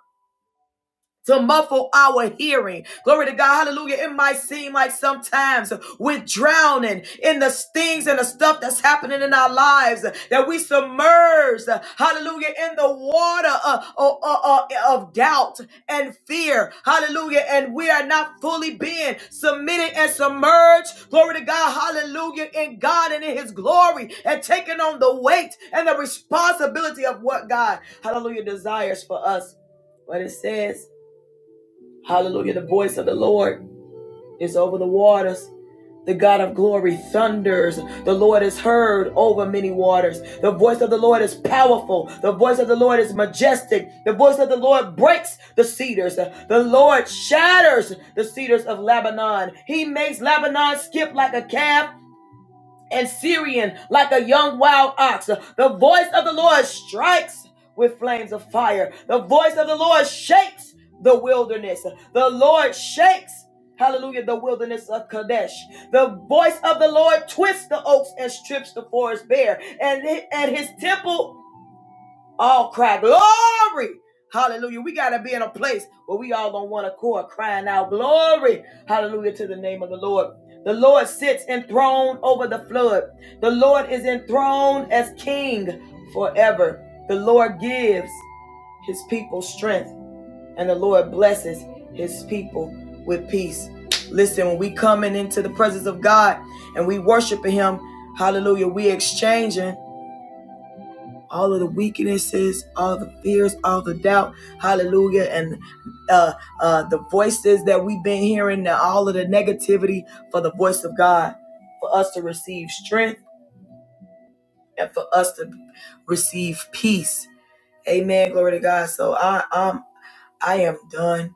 S2: to muffle our hearing. Glory to God. Hallelujah. It might seem like sometimes we're drowning in the things and the stuff that's happening in our lives that we submerged, hallelujah, in the water uh, uh, uh, uh, of doubt and fear. Hallelujah. And we are not fully being submitted and submerged. Glory to God. Hallelujah. In God and in his glory and taking on the weight and the responsibility of what God, hallelujah, desires for us. But it says, Hallelujah. The voice of the Lord is over the waters. The God of glory thunders. The Lord is heard over many waters. The voice of the Lord is powerful. The voice of the Lord is majestic. The voice of the Lord breaks the cedars. The Lord shatters the cedars of Lebanon. He makes Lebanon skip like a calf and Syrian like a young wild ox. The voice of the Lord strikes with flames of fire. The voice of the Lord shakes the wilderness. The Lord shakes. Hallelujah, the wilderness of Kadesh. The voice of the Lord twists the oaks and strips the forest bare, and, and his temple all cry glory. Hallelujah. We got to be in a place where we all on one accord crying out glory. Hallelujah to the name of the Lord. The Lord sits enthroned over the flood. The Lord is enthroned as king forever. The Lord gives his people strength and the Lord blesses his people with peace. Listen, when we coming into the presence of God and we worshiping him, hallelujah, we exchanging all of the weaknesses, all the fears, all the doubt, hallelujah, and uh, uh, the voices that we've been hearing, all of the negativity for the voice of God, for us to receive strength and for us to receive peace. Amen. Glory to God. So I, I'm, I am done.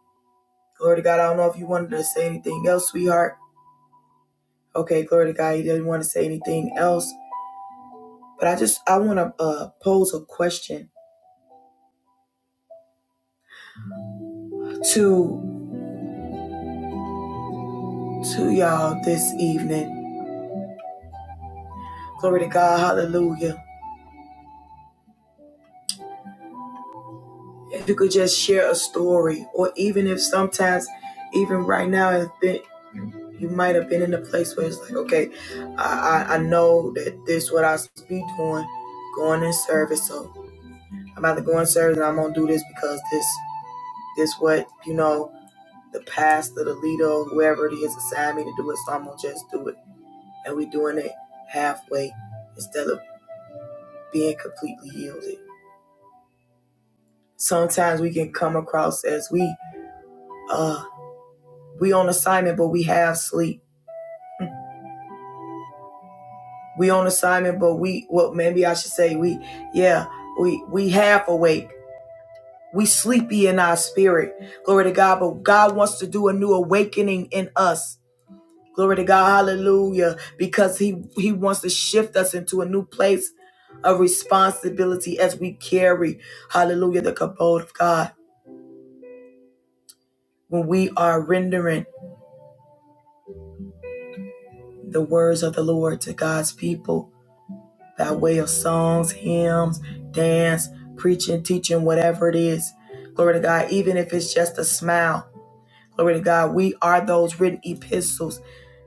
S2: Glory to God. I don't know if you wanted to say anything else, sweetheart. Okay, glory to God. You didn't want to say anything else, but I just I want to uh, pose a question to to y'all this evening Glory to God. Hallelujah. If you could just share a story, or even if sometimes, even right now, it's been, you might have been in a place where it's like, okay, I, I, I know that this is what I supposed be doing, going in service. So I'm about to go in service and I'm going to do this because this this what, you know, the pastor, the leader, whoever it is assigned me to do it. So I'm going to just do it. And we are doing it halfway instead of being completely yielded. Sometimes we can come across as we uh we on assignment but we have sleep we on assignment but we well maybe i should say we yeah we we half awake we sleepy in our spirit glory to god but god wants to do a new awakening in us glory to god hallelujah because he he wants to shift us into a new place of responsibility as we carry hallelujah the kabod of god when we are rendering the words of the lord to god's people by way of songs, hymns, dance, preaching, teaching, whatever it is. Glory to God, even if it's just a smile. Glory to God, we are those written epistles,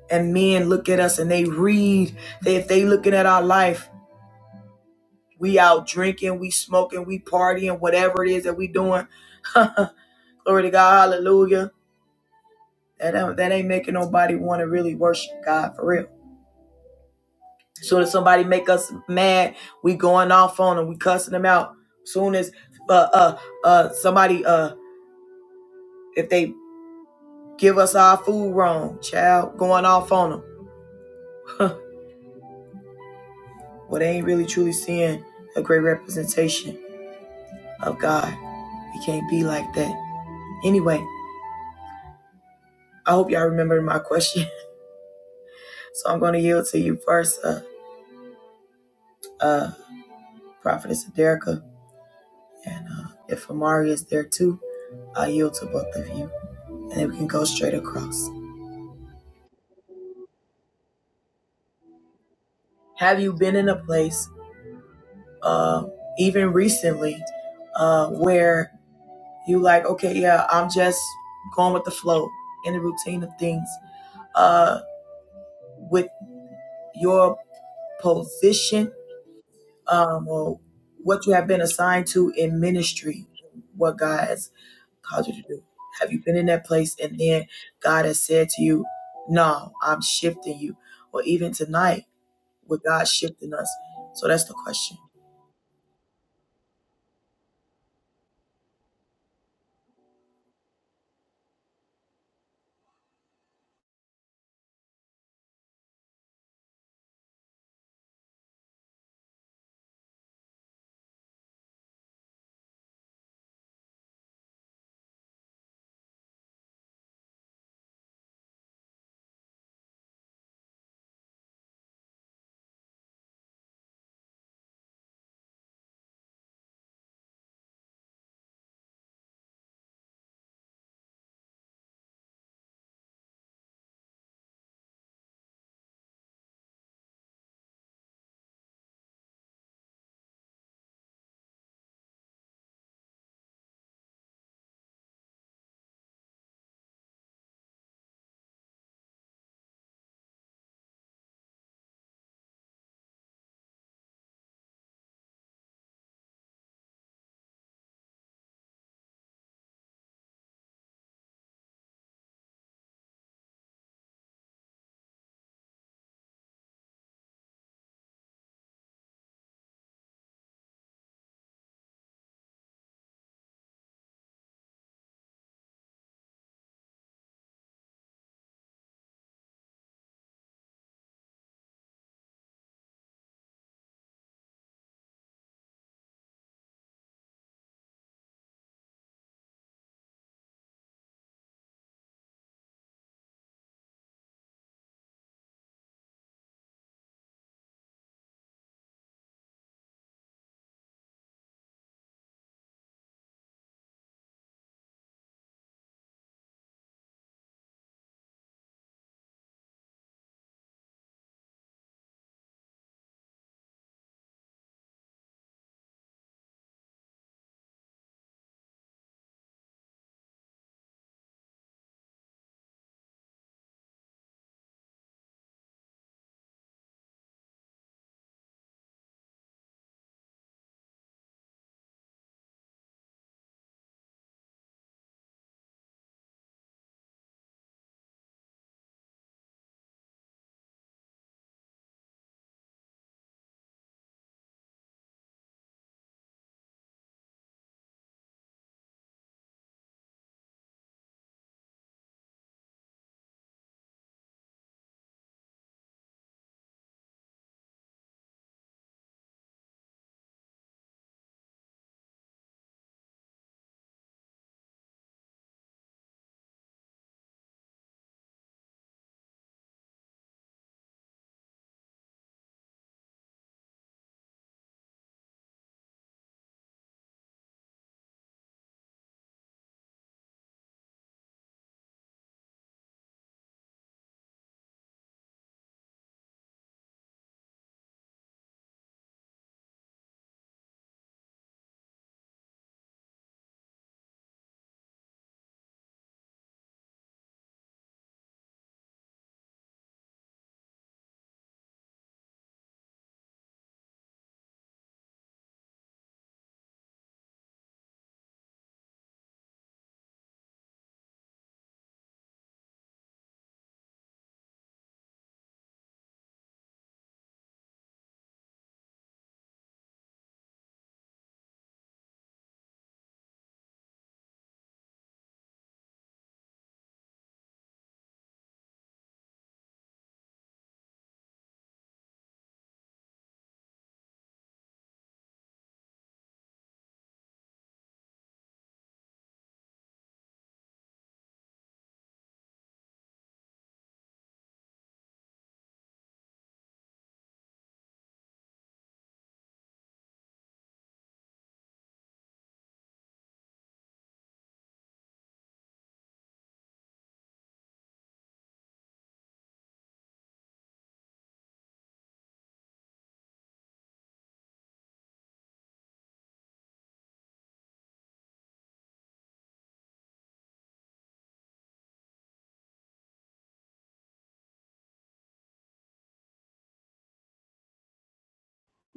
S2: and men look at us and they read. They, if they looking at our life, we out drinking, we smoking, we partying, whatever it is that we doing. Glory to God, hallelujah. That, that ain't making nobody want to really worship God for real. Soon as somebody make us mad, we going off on them. We cussing them out. Soon as uh uh uh somebody uh if they give us our food wrong, child, going off on them. well, they ain't really truly seeing a great representation of God. We can't be like that. Anyway, I hope y'all remember my question. So I'm gonna yield to you first, uh, uh, Prophetess Aderica, and uh, if Amari is there too, I yield to both of you, and then we can go straight across. Have you been in a place? uh, even recently, uh, where you like, okay, yeah, I'm just going with the flow in the routine of things. Uh, with your position um, or what you have been assigned to in ministry, what God has called you to do. Have you been in that place and then God has said to you, no, I'm shifting you? Or even tonight, with God shifting us? So that's the question.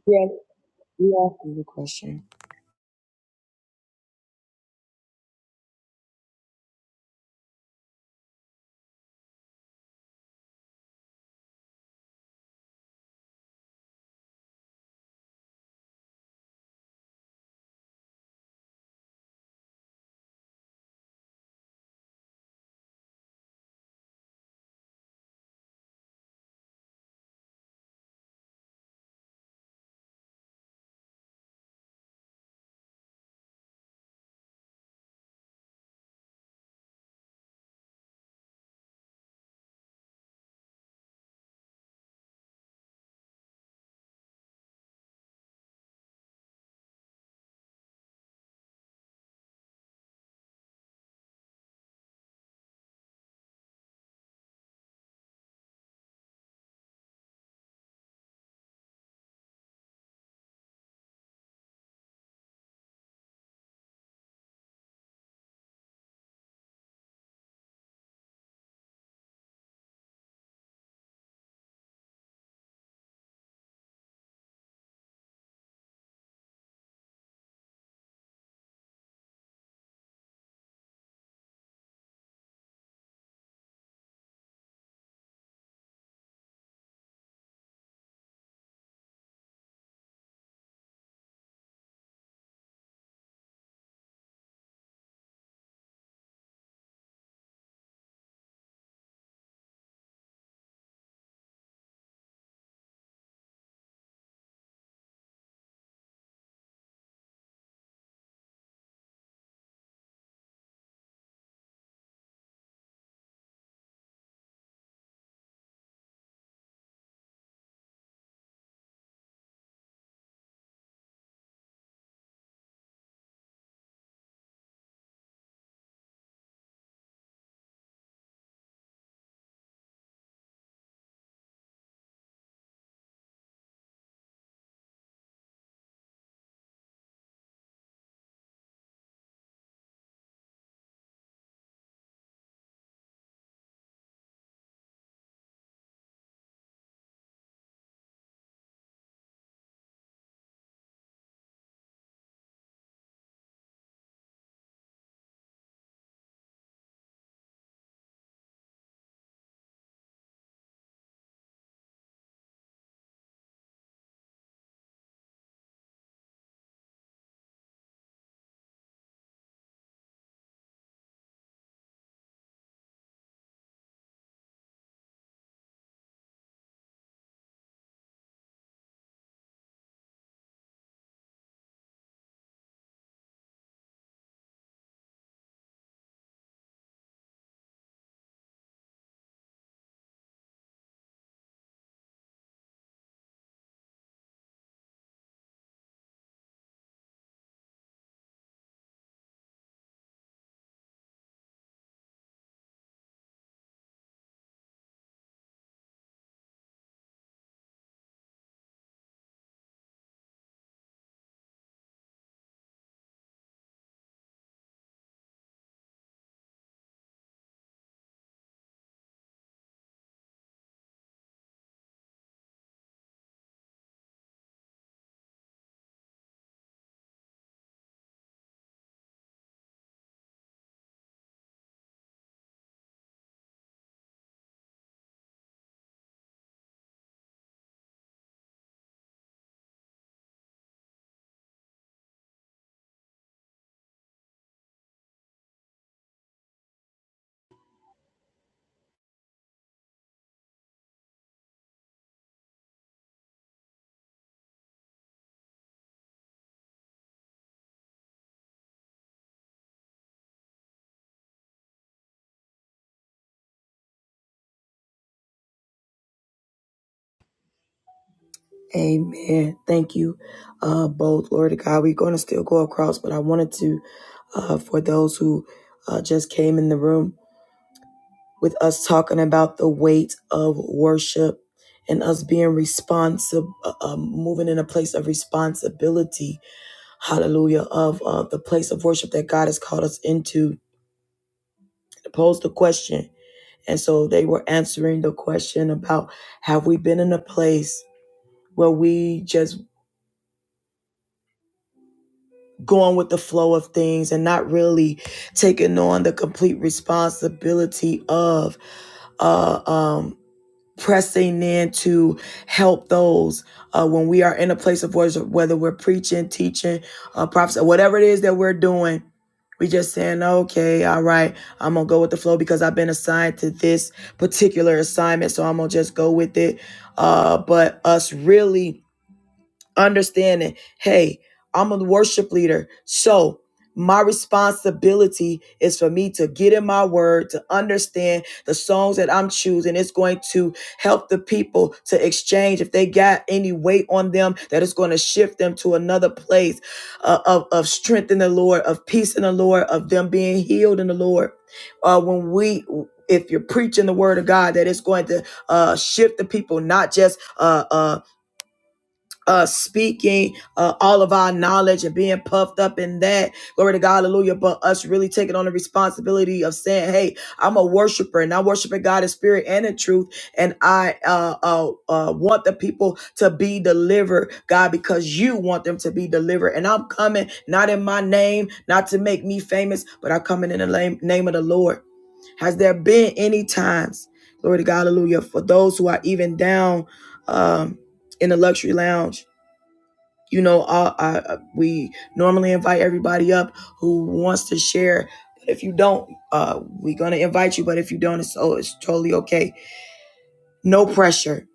S2: Yes, you asked me the question. Amen. Thank you uh, both, Lord God. We're going to still go across, but I wanted to, uh, for those who uh, just came in the room with us talking about the weight of worship and us being responsible, uh, uh, moving in a place of responsibility, hallelujah, of uh, the place of worship that God has called us into, posed the question. And so they were answering the question about have we been in a place where we just going with the flow of things and not really taking on the complete responsibility of uh, um, pressing in to help those uh, when we are in a place of worship, whether we're preaching, teaching, uh, prophets, or whatever it is that we're doing. We just saying, okay, all right, I'm gonna go with the flow because I've been assigned to this particular assignment, so I'm gonna just go with it. Uh, but us really understanding hey i'm a worship leader so my responsibility is for me to get in my word to understand the songs that i'm choosing it's going to help the people to exchange if they got any weight on them that it's going to shift them to another place uh, of, of strength in the lord of peace in the lord of them being healed in the lord uh, when we if you're preaching the word of god that it's going to uh, shift the people not just uh, uh, uh speaking uh all of our knowledge and being puffed up in that glory to god hallelujah but us really taking on the responsibility of saying hey i'm a worshiper and i'm worshiping god in spirit and in truth and i uh uh, uh want the people to be delivered god because you want them to be delivered and i'm coming not in my name not to make me famous but i'm coming in the name, name of the lord has there been any times glory to god hallelujah for those who are even down um in the luxury lounge you know, uh, uh, we normally invite everybody up who wants to share. If you don't, uh, we're gonna invite you. But if you don't, it's oh, it's totally okay. No pressure.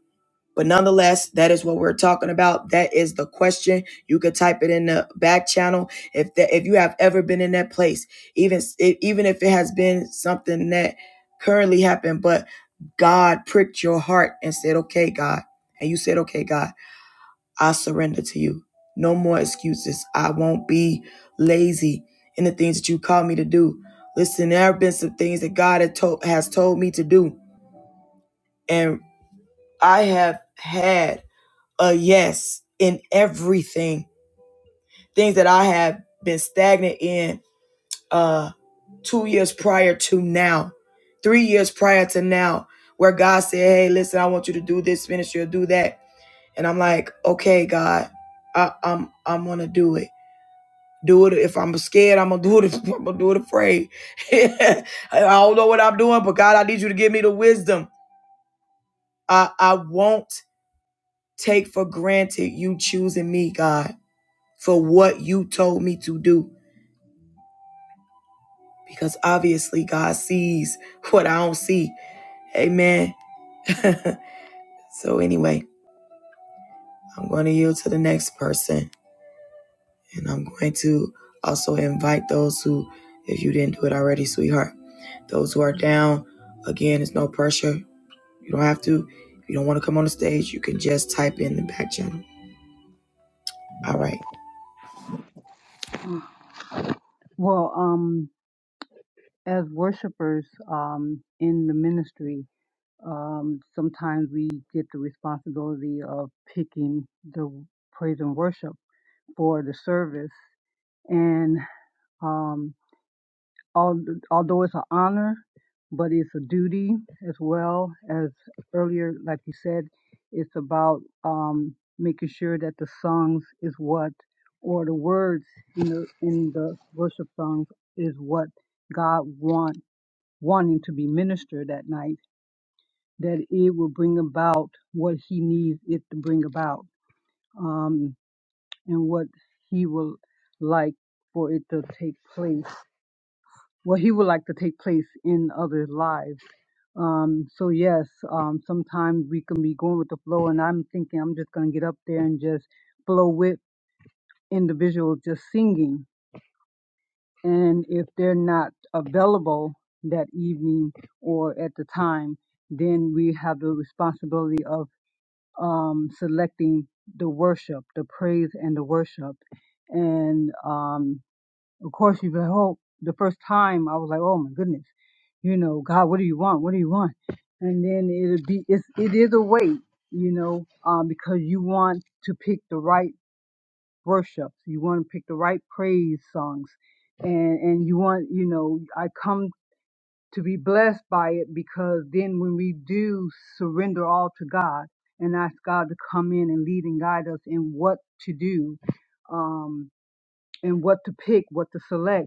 S2: But nonetheless, that is what we're talking about. That is the question. You could type it in the back channel if that if you have ever been in that place, even even if it has been something that currently happened, but God pricked your heart and said, "Okay, God," and you said, "Okay, God." I surrender to you. No more excuses. I won't be lazy in the things that you call me to do. Listen, there have been some things that God had told, has told me to do, and I have had a yes in everything. Things that I have been stagnant in uh, two years prior to now, three years prior to now, where God said, "Hey, listen, I want you to do this ministry or do that," and I'm like, "Okay, God, I, I'm I'm gonna do it." Do it if I'm scared. I'm gonna do it. If I'm gonna do it afraid. I don't know what I'm doing, but God, I need you to give me the wisdom. I I won't take for granted you choosing me, God, for what you told me to do, because obviously God sees what I don't see. Amen. so anyway, I'm going to yield to the next person, and I'm going to also invite those who, if you didn't do it already, sweetheart, those who are down. Again, it's no pressure You don't have to. If you don't want to come on the stage, you can just type in the back channel. All right.
S5: Well, um, as worshipers um, in the ministry, um, sometimes we get the responsibility of picking the praise and worship for the service. And um. al- although it's an honor, but it's a duty as well as earlier, like you said, it's about um, making sure that the songs is what, or the words in the in the worship songs is what God want wanting to be ministered that night. That it will bring about what He needs it to bring about, um, and what He will like for it to take place what he would like to take place in others' lives. Um, so yes, um, sometimes we can be going with the flow, and I'm thinking I'm just gonna get up there and just flow with individuals just singing. And if they're not available that evening or at the time, then we have the responsibility of um, selecting the worship, the praise, and the worship. And um, of course, you can hope. The first time, I was like, "Oh my goodness," you know, God, what do you want? What do you want? And then it'll be it's it is a wait, you know, um, because you want to pick the right worship, you want to pick the right praise songs, and and you want, you know, I come to be blessed by it because then when we do surrender all to God and ask God to come in and lead and guide us in what to do, um, and what to pick, what to select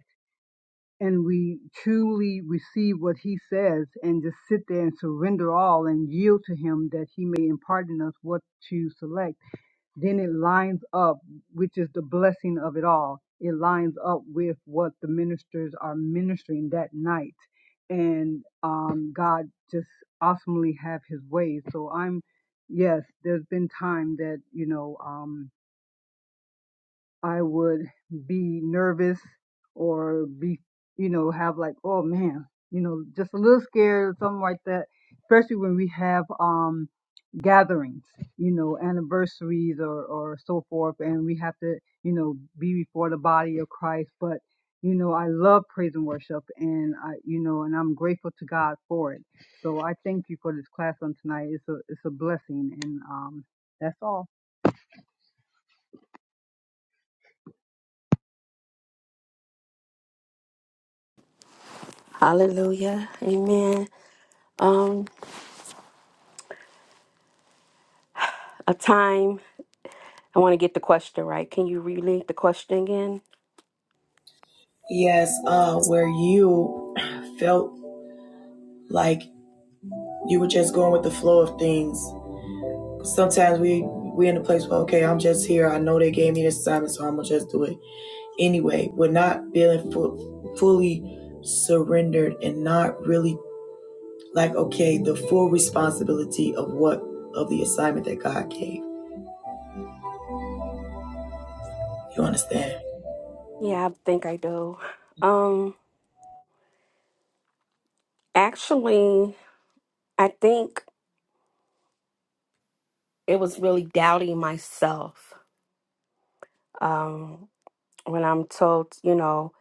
S5: and we truly receive what he says and just sit there and surrender all and yield to him that he may impart in us what to select, then it lines up, which is the blessing of it all. It lines up with what the ministers are ministering that night. And um, God just awesomely have his way. So I'm, yes, there's been time that, you know, um, I would be nervous or be, you know, have like, oh man, you know, just a little scared or something like that. Especially when we have um gatherings, you know, anniversaries or or so forth, and we have to, you know, be before the body of Christ. But you know, I love praise and worship, and I, you know, and I'm grateful to God for it. So I thank you for this class on tonight. It's a it's a blessing, and um, that's all.
S6: Hallelujah. Amen. Um, a time. I want to get the question right. Can you relink the question again?
S2: Yes, uh, where you felt like you were just going with the flow of things. Sometimes we we in a place where okay, I'm just here. I know they gave me this assignment, so I'm gonna just do it anyway. We're not feeling fu- fully surrendered and not really like okay, the full responsibility of what of the assignment that God gave. You understand?
S6: Yeah, I think I do. Um, actually, I think it was really doubting myself. Um, when I'm told, you know,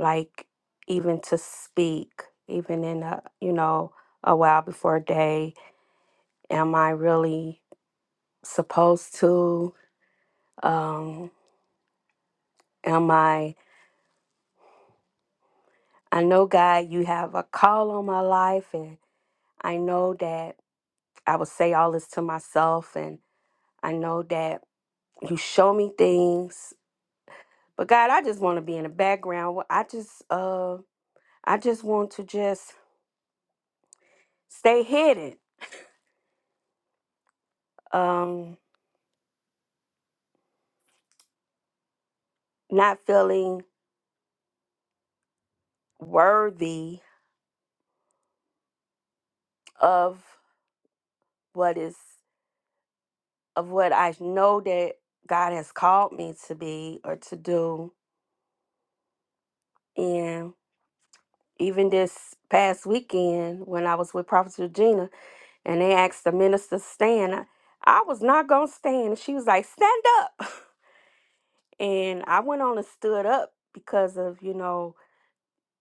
S6: like even to speak, even in a, you know, a while before a day, am I really supposed to? Um, am I? I know, God, you have a call on my life, and I know that I will say all this to myself, and I know that you show me things. But God, I just want to be in the background. Well, I just, uh, I just want to just stay hidden, um, not feeling worthy of what is of what I know that God has called me to be or to do, and even this past weekend when I was with Prophet Regina and they asked the minister to stand. I I was not gonna stand. And she was like, stand up. And I went on and stood up because of, you know,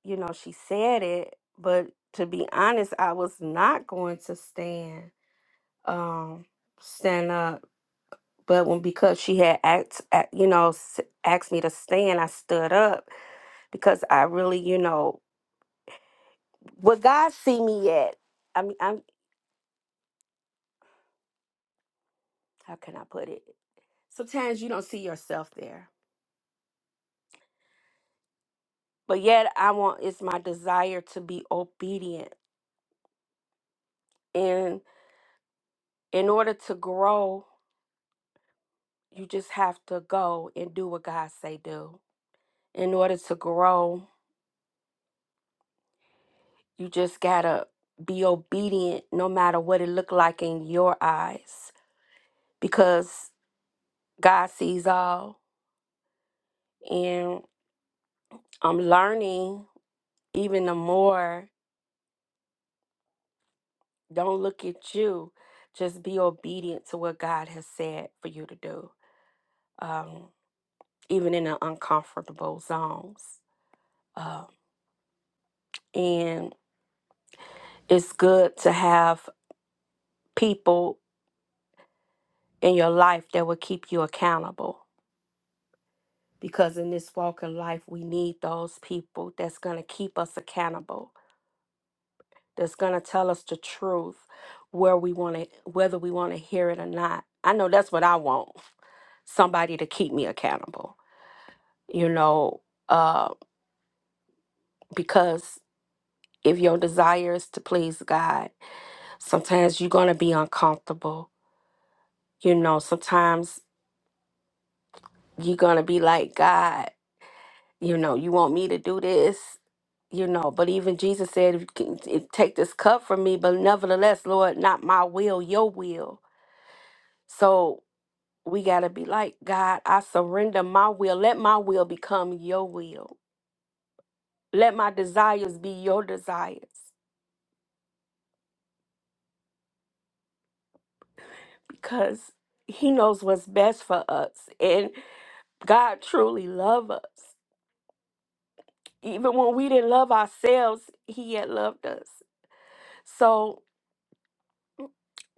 S6: you know, she said it. But to be honest, I was not going to stand, um, stand up. But when because she had asked, you know, s- asked me to stand, I stood up because I really, you know, what God see me at. I mean, I'm how can I put it? Sometimes you don't see yourself there but yet I want it's my desire to be obedient. And in order to grow, you just have to go and do what God say do. In order to grow, you just gotta be obedient no matter what it look like in your eyes because God sees all and I'm learning even the more don't look at you just be obedient to what God has said for you to do Um, even in the uncomfortable zones. Uh, and it's good to have people in your life that will keep you accountable because in this walk in life, we need those people that's going to keep us accountable, that's going to tell us the truth, where we want to, whether we want to hear it or not. I know that's what I want somebody to keep me accountable, you know, uh, because if your desire is to please God, Sometimes you're going to be uncomfortable. You know, sometimes you're going to be like, God, you know, you want me to do this? You know, but even Jesus said, if you can- if- take this cup from me, but nevertheless, Lord, not my will, your will. So we got to be like, God, I surrender my will. Let my will become your will. Let my desires be your desires because he knows what's best for us. And God truly loves us. even when we didn't love ourselves, he had loved us. So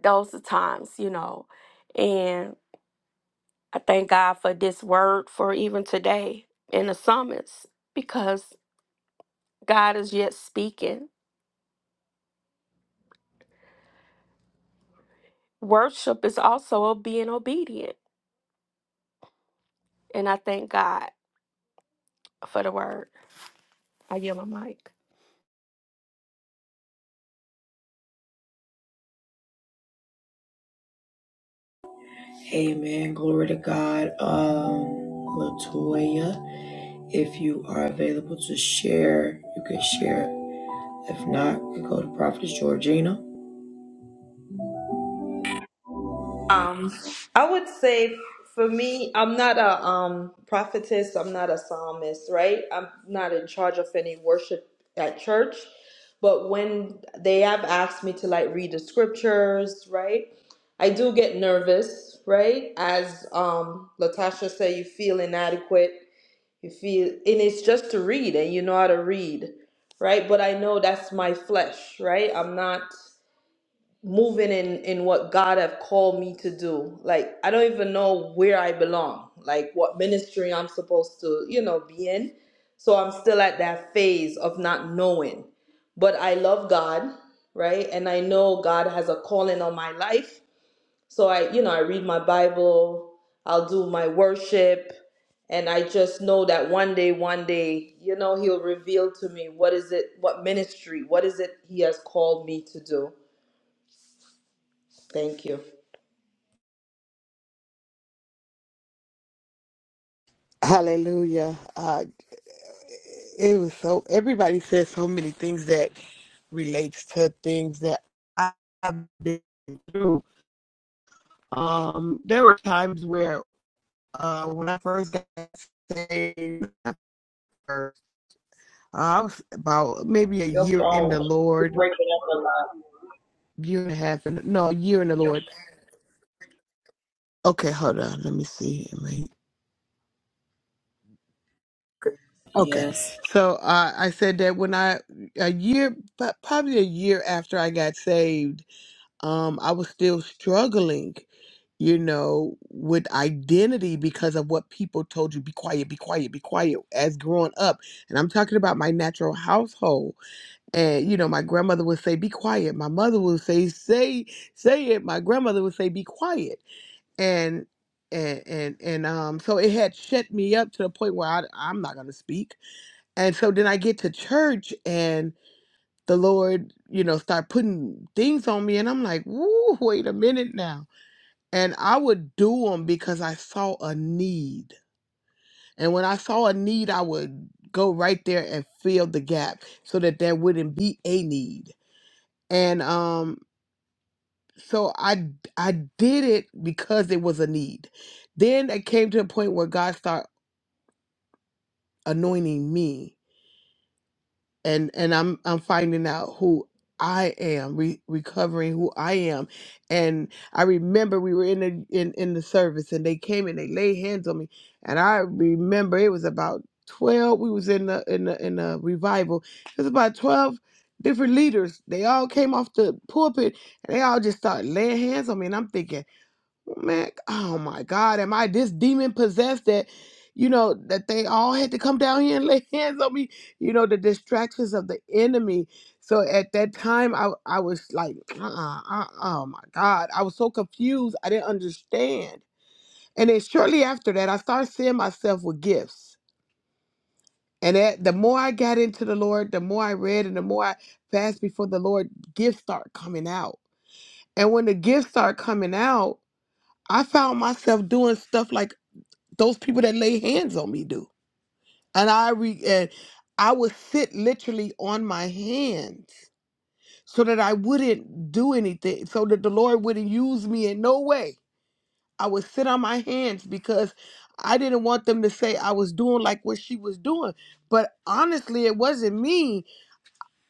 S6: those are times, you know. And I thank God for this word for even today in the summons because God is yet speaking. Worship is also being obedient. And I thank God for the word. I yield my mic.
S2: Amen. Glory to God. Um, Latoya, if you are available to share, you can share. If not, you can go to Prophetess Georgina.
S7: Um, I would say for me, I'm not a um prophetess. I'm not a psalmist, right? I'm not in charge of any worship at church. But when they have asked me to like read the scriptures, right? I do get nervous, right? As um Latasha said, you feel inadequate. You feel, and it's just to read, and you know how to read, right? But I know that's my flesh, right? I'm not moving in in what God have called me to do. Like I don't even know where I belong, like what ministry I'm supposed to, you know, be in. So I'm still at that phase of not knowing. But I love God, right? And I know God has a calling on my life. So I, you know, I read my Bible, I'll do my worship, and I just know that one day, one day, you know, he'll reveal to me what is it, what ministry, what is it he has called me to do. Thank you.
S4: Hallelujah. Uh, it was so, everybody said so many things that relates to things that I've been through. Um, there were times where, uh, when I first got saved, uh, I was about maybe a
S2: Your
S4: year in the
S2: phone is
S4: Lord,
S2: breaking up a lot.
S4: year and a half, in, no, a year in the Lord. Okay, hold on. Let me see. Okay,
S2: Yes.
S4: so uh, I said that when I a year, but probably a year after I got saved, um, I was still struggling, you know, with identity because of what people told you: be quiet, be quiet, be quiet. As growing up, and I'm talking about my natural household, and you know, my grandmother would say, "Be quiet." My mother would say, "Say, say it." My grandmother would say, "Be quiet," and and and and um, so it had shut me up to the point where I, I'm not gonna speak and so then I get to church and the Lord, you know, start putting things on me. And I'm like, woo, wait a minute now. And I would do them because I saw a need. And when I saw a need, I would go right there and fill the gap so that there wouldn't be a need. And um, so I I did it because it was a need. Then it came to a point where God started anointing me and and I'm I'm finding out who I am, re- recovering who I am. And I remember we were in the in, in the service and they came and they laid hands on me. And I remember it was about twelve. We was in the in the in the revival. It was about twelve different leaders. They all came off the pulpit and they all just started laying hands on me. And I'm thinking, Man, oh my God, am I this demon possessed that, you know, that they all had to come down here and lay hands on me? You know, the distractions of the enemy. So at that time, I, I was like, uh uh, uh, oh my God. I was so confused. I didn't understand. And then shortly after that, I started seeing myself with gifts. And that, the more I got into the Lord, the more I read and the more I fasted before the Lord, gifts start coming out. And when the gifts start coming out, I found myself doing stuff like those people that lay hands on me do. And I re and I would sit literally on my hands so that I wouldn't do anything, so that the Lord wouldn't use me in no way. I would sit on my hands because I didn't want them to say I was doing like what she was doing. But honestly, it wasn't me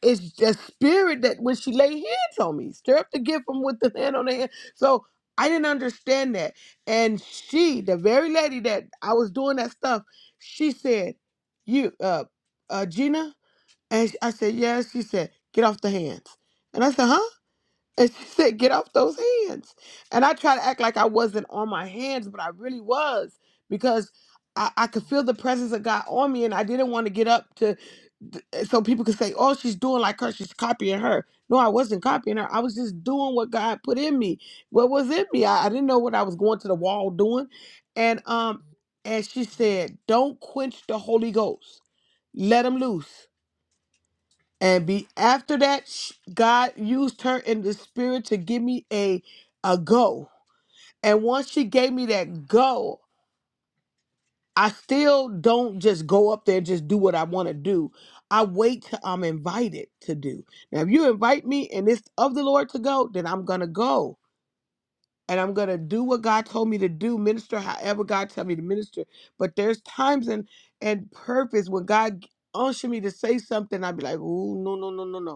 S4: it's the spirit that when she laid hands on me, stir up the gift from with the hand on the hand. So I didn't understand that. And she, the very lady that I was doing that stuff, she said, You, uh, uh, Gina? And I said, Yes. She said, Get off the hands. And I said, Huh? And she said, Get off those hands. And I tried to act like I wasn't on my hands, but I really was because I, I could feel the presence of God on me and I didn't want to get up to th- eh, so people could say, "Oh, she's doing like her. She's copying her." No, I wasn't copying her. I was just doing what God put in me. What was in me? I, I didn't know what I was going to the wall doing, and um, and she said, "Don't quench the Holy Ghost. Let him loose." And be after that, sh- God used her in the spirit to give me a a go. And once she gave me that go, I still don't just go up there and just do what I want to do. I wait till I'm invited to do. Now, if you invite me and it's of the Lord to go, then I'm gonna go and I'm gonna do what God told me to do, minister however God tell me to minister. But there's times and and purpose when God unctions me to say something, I'd be like, oh no no no no no.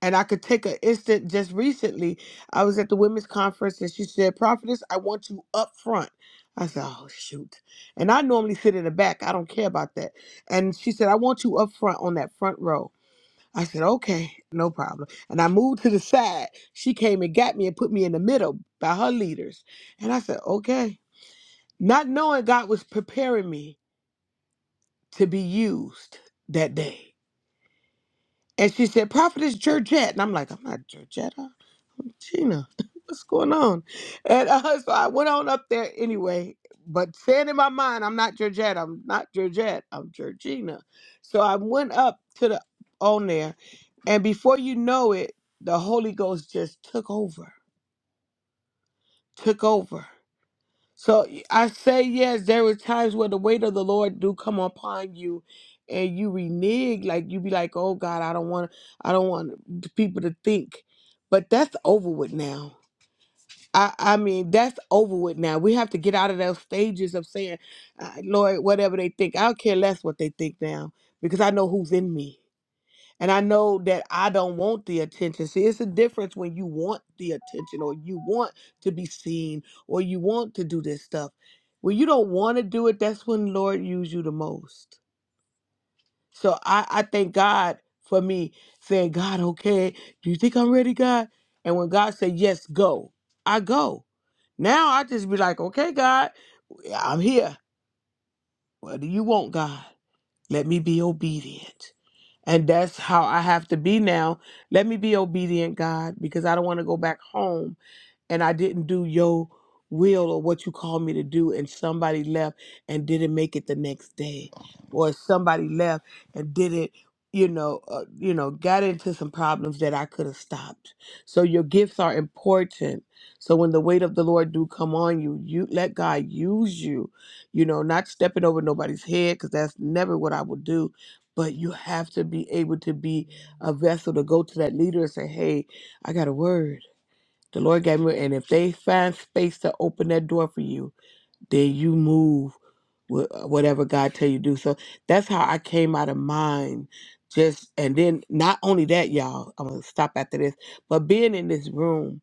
S4: And I could take an instant just recently. I was at the women's conference and she said, Prophetess, I want you up front. I said, Oh, shoot. And I normally sit in the back. I don't care about that. And she said, I want you up front on that front row. I said, Okay, no problem. And I moved to the side. She came and got me and put me in the middle by her leaders. And I said, Okay. Not knowing God was preparing me to be used that day. And she said, Prophetess Georgette. And I'm like, I'm not Georgetta. I'm Gina. What's going on? And uh, so I went on up there anyway, but saying in my mind, I'm not Georgette. I'm not Georgette. I'm Georgina. So I went up to the on there. And before you know it, the Holy Ghost just took over, took over. So I say yes, there were times where the weight of the Lord do come upon you and you renege, like you be like, Oh God, I don't want I don't want the people to think. But that's over with now. I, I mean, that's over with now. We have to get out of those stages of saying, uh, Lord, whatever they think, I don't care less what they think now because I know who's in me. And I know that I don't want the attention. See, it's a difference when you want the attention or you want to be seen or you want to do this stuff. When you don't want to do it, that's when the Lord use you the most. So I, I thank God for me saying, God, okay, do you think I'm ready, God? And when God said, yes, go, I go. Now I just be like, okay, God, I'm here. What do you want, God? Let me be obedient. And that's how I have to be now. Let me be obedient, God, because I don't want to go back home and I didn't do your will or what you called me to do, and somebody left and didn't make it the next day, or somebody left and didn't, you know, uh, you know, got into some problems that I could have stopped. So your gifts are important. So when the weight of the Lord do come on you, you let God use you. You know, not stepping over nobody's head because that's never what I would do. But you have to be able to be a vessel to go to that leader and say, "Hey, I got a word." The Lord gave me, and if they find space to open that door for you, then you move with whatever God tell you to do. So that's how I came out of mine. Just and then not only that, y'all, I'm gonna stop after this, but being in this room,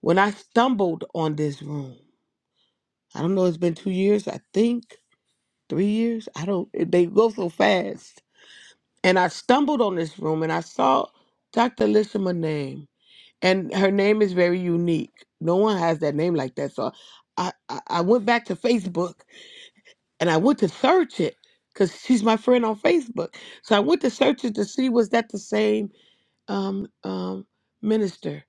S4: when I stumbled on this room, I don't know, it's been two years, I think, three years. I don't they go so fast. And I stumbled on this room and I saw Dr. Lishima name and her name is very unique. No one has that name like that. So I, I, I went back to Facebook and I went to search it because she's my friend on Facebook. So I went to search it to see was that the same um, um, minister.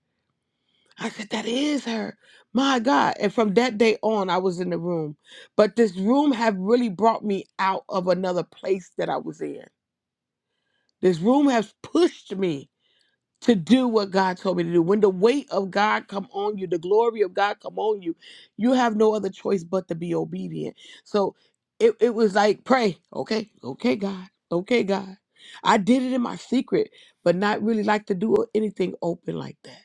S4: I said that is her. My God! And from that day on, I was in the room. But this room have really brought me out of another place that I was in. This room has pushed me to do what God told me to do. When the weight of God come on you, the glory of God come on you, you have no other choice but to be obedient. So it, it was like pray, okay, okay, God, okay, God. I did it in my secret, but not really like to do anything open like that.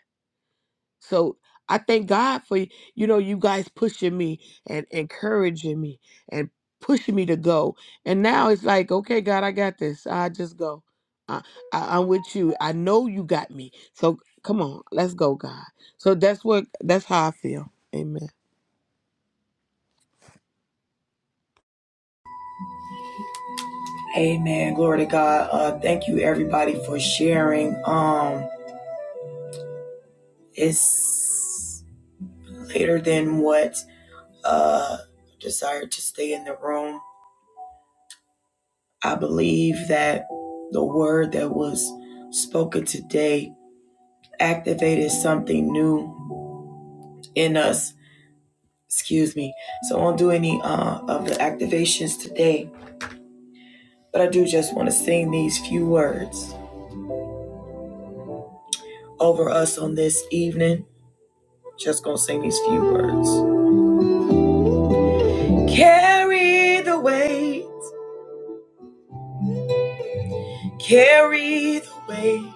S4: So I thank God for y- you know you guys pushing me and encouraging me and pushing me to go. And now it's like, okay, God, I got this. I just go. I, I I'm with you. I know you got me. So come on, let's go, God. So that's what that's how I feel. Amen.
S2: Amen. Glory to God. Uh, thank you everybody for sharing. Um, it's later than what uh desired to stay in the room. I believe that the word that was spoken today activated something new in us. Excuse me. So I won't do any uh, of the activations today, but I do just want to sing these few words over us on this evening. Just gonna sing these few words. Carry the weight, carry the weight,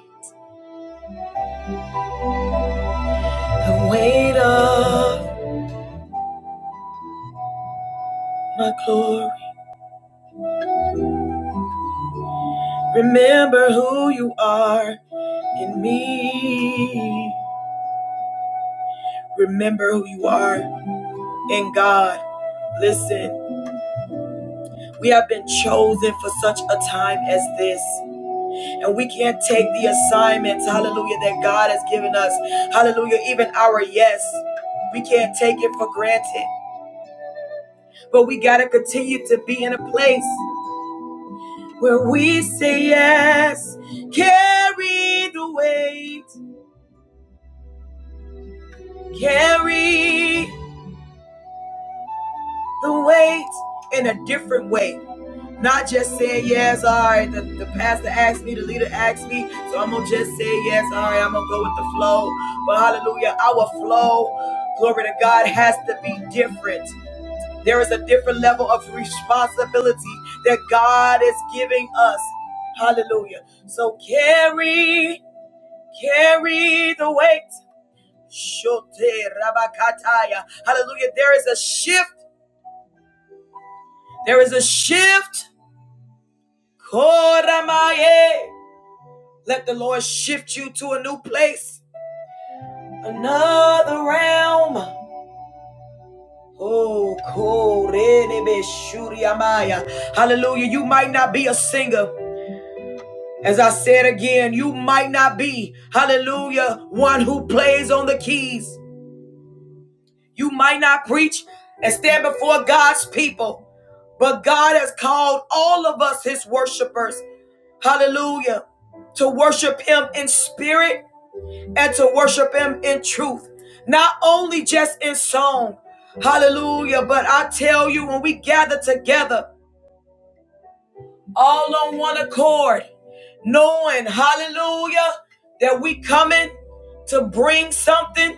S2: the weight of my glory. Remember who you are in me. Remember who you are in God. Listen. We have been chosen for such a time as this. And we can't take the assignments, hallelujah, that God has given us. Hallelujah, even our yes. We can't take it for granted. But we got to continue to be in a place where we say yes. Carry the weight. Carry. the weight in a different way. Not just saying yes, all right, the, the pastor asked me, the leader asked me, so I'm gonna just say yes, all right, I'm gonna go with the flow. But hallelujah, our flow, glory to God, has to be different. There is a different level of responsibility that God is giving us. Hallelujah. So carry, carry the weight. Shote rabakataya. Hallelujah. There is a shift. There is a shift Koramaye. Let the Lord shift you to a new place, another realm. Oh, korenebeshuriamaya. hallelujah. You might not be a singer. As I said again, you might not be, hallelujah, one who plays on the keys. You might not preach and stand before God's people, but God has called all of us his worshipers, hallelujah, to worship him in spirit and to worship Him in truth, not only just in song. Hallelujah. But I tell you, when we gather together, all on one accord, knowing, hallelujah, that we coming to bring something,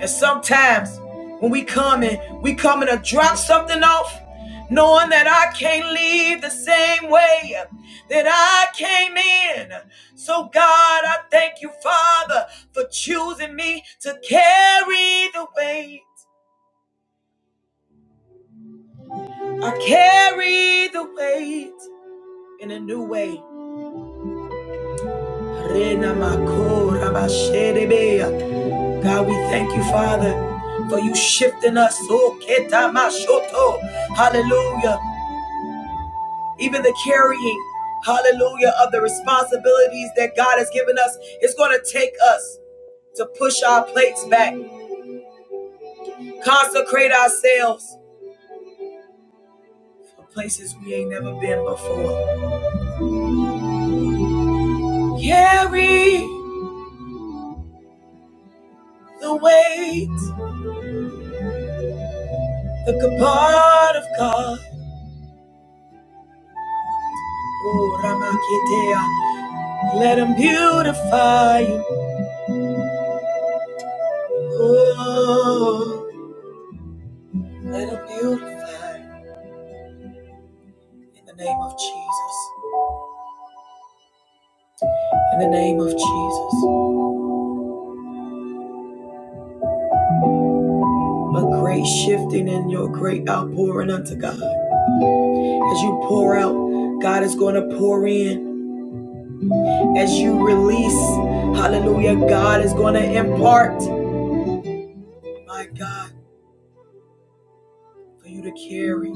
S2: And sometimes when we come in, we coming to drop something off, knowing that I can't leave the same way that I came in. So, God, I thank you, Father, for choosing me to carry the weight. I carry the weight in a new way. God, we thank you, Father, for you shifting us. Oh, Hallelujah. even the carrying, hallelujah, of the responsibilities that God has given us, it's going to take us to push our plates back, consecrate ourselves for places we ain't never been before. Carry the weight, the kabod of God. Oh, Ramakitea, let him beautify you. Oh, let him beautify you. in the name of Jesus. In the name of Jesus. a great shifting and your great outpouring unto God. As you pour out, God is going to pour in. As you release, hallelujah, God is going to impart, my God, for you to carry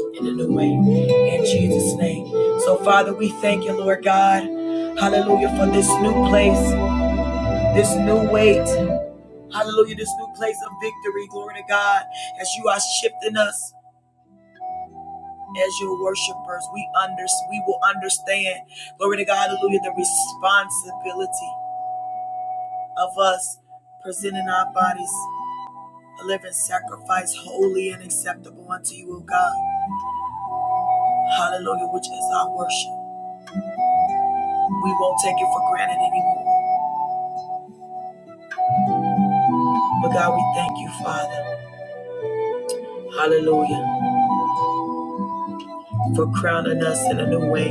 S2: in a new way. In Jesus' name. So, Father, we thank you, Lord God. Hallelujah, for this new place, this new weight. Hallelujah, this new place of victory. Glory to God. As you are shifting us. as your worshipers, we under, we will understand, glory to God, hallelujah, the responsibility of us presenting our bodies a living sacrifice, holy and acceptable unto you, O God. Hallelujah, which is our worship. We won't take it for granted anymore. But God, we thank you, Father. Hallelujah, for crowning us in a new way.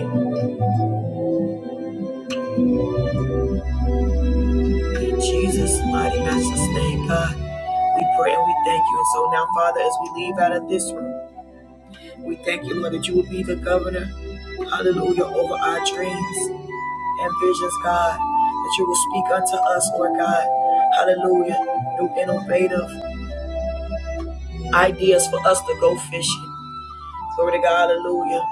S2: In Jesus' mighty master's name, God. We pray and we thank you. And so now, Father, as we leave out of this room, we thank you, Lord, that you will be the governor Hallelujah. Over our dreams and visions, God, that you will speak unto us, Lord God. Hallelujah. New innovative ideas for us to go fishing. Glory to God. Hallelujah.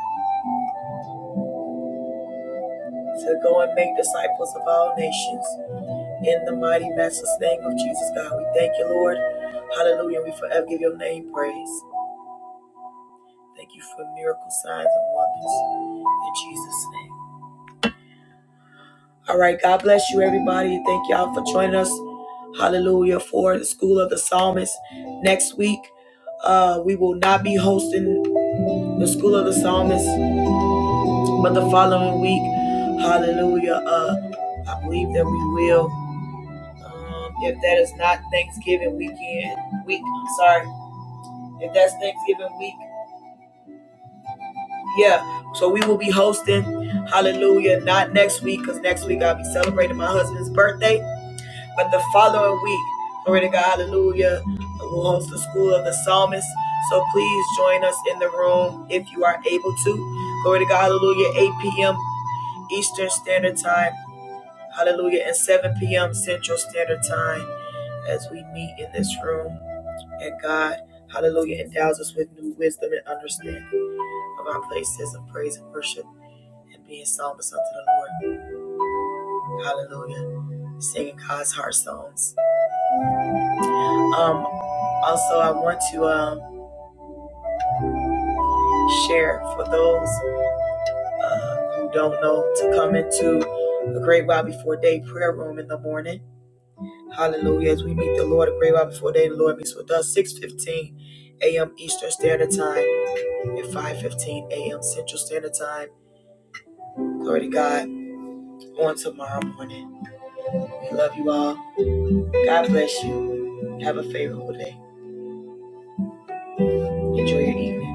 S2: To go and make disciples of all nations. In the mighty master's name of Jesus, God, we thank you, Lord. Hallelujah. We forever give your name praise. Thank you for miracles, signs, and wonders. In Jesus' name. All right. God bless you, everybody. Thank y'all for joining us. Hallelujah. For the School of the Psalmist next week. Uh, we will not be hosting the School of the Psalmist, but the following week, hallelujah, uh, I believe that we will. Um, if that is not Thanksgiving weekend, week, I'm sorry, if that's Thanksgiving week, yeah. So we will be hosting, hallelujah, not next week, because next week I'll be celebrating my husband's birthday. But the following week, glory to God, hallelujah, we'll host the School of the Psalmist. So please join us in the room if you are able to. Glory to God, hallelujah, 8 p.m. Eastern Standard Time, hallelujah, and 7 p.m. Central Standard Time as we meet in this room. And God, hallelujah, endows us with new wisdom and understanding of our places of praise and worship and being psalmists unto the Lord. Hallelujah. Singing God's heart songs Um, also, I want to um, share for those uh, who don't know to come into a great while before day prayer room in the morning. Hallelujah! As we meet the Lord, a great while before day, the Lord meets with us. Six fifteen a.m. Eastern Standard Time and five fifteen a.m. Central Standard Time. Glory to God. On tomorrow morning, we love you all. God bless you. Have a favorable day. Enjoy your evening.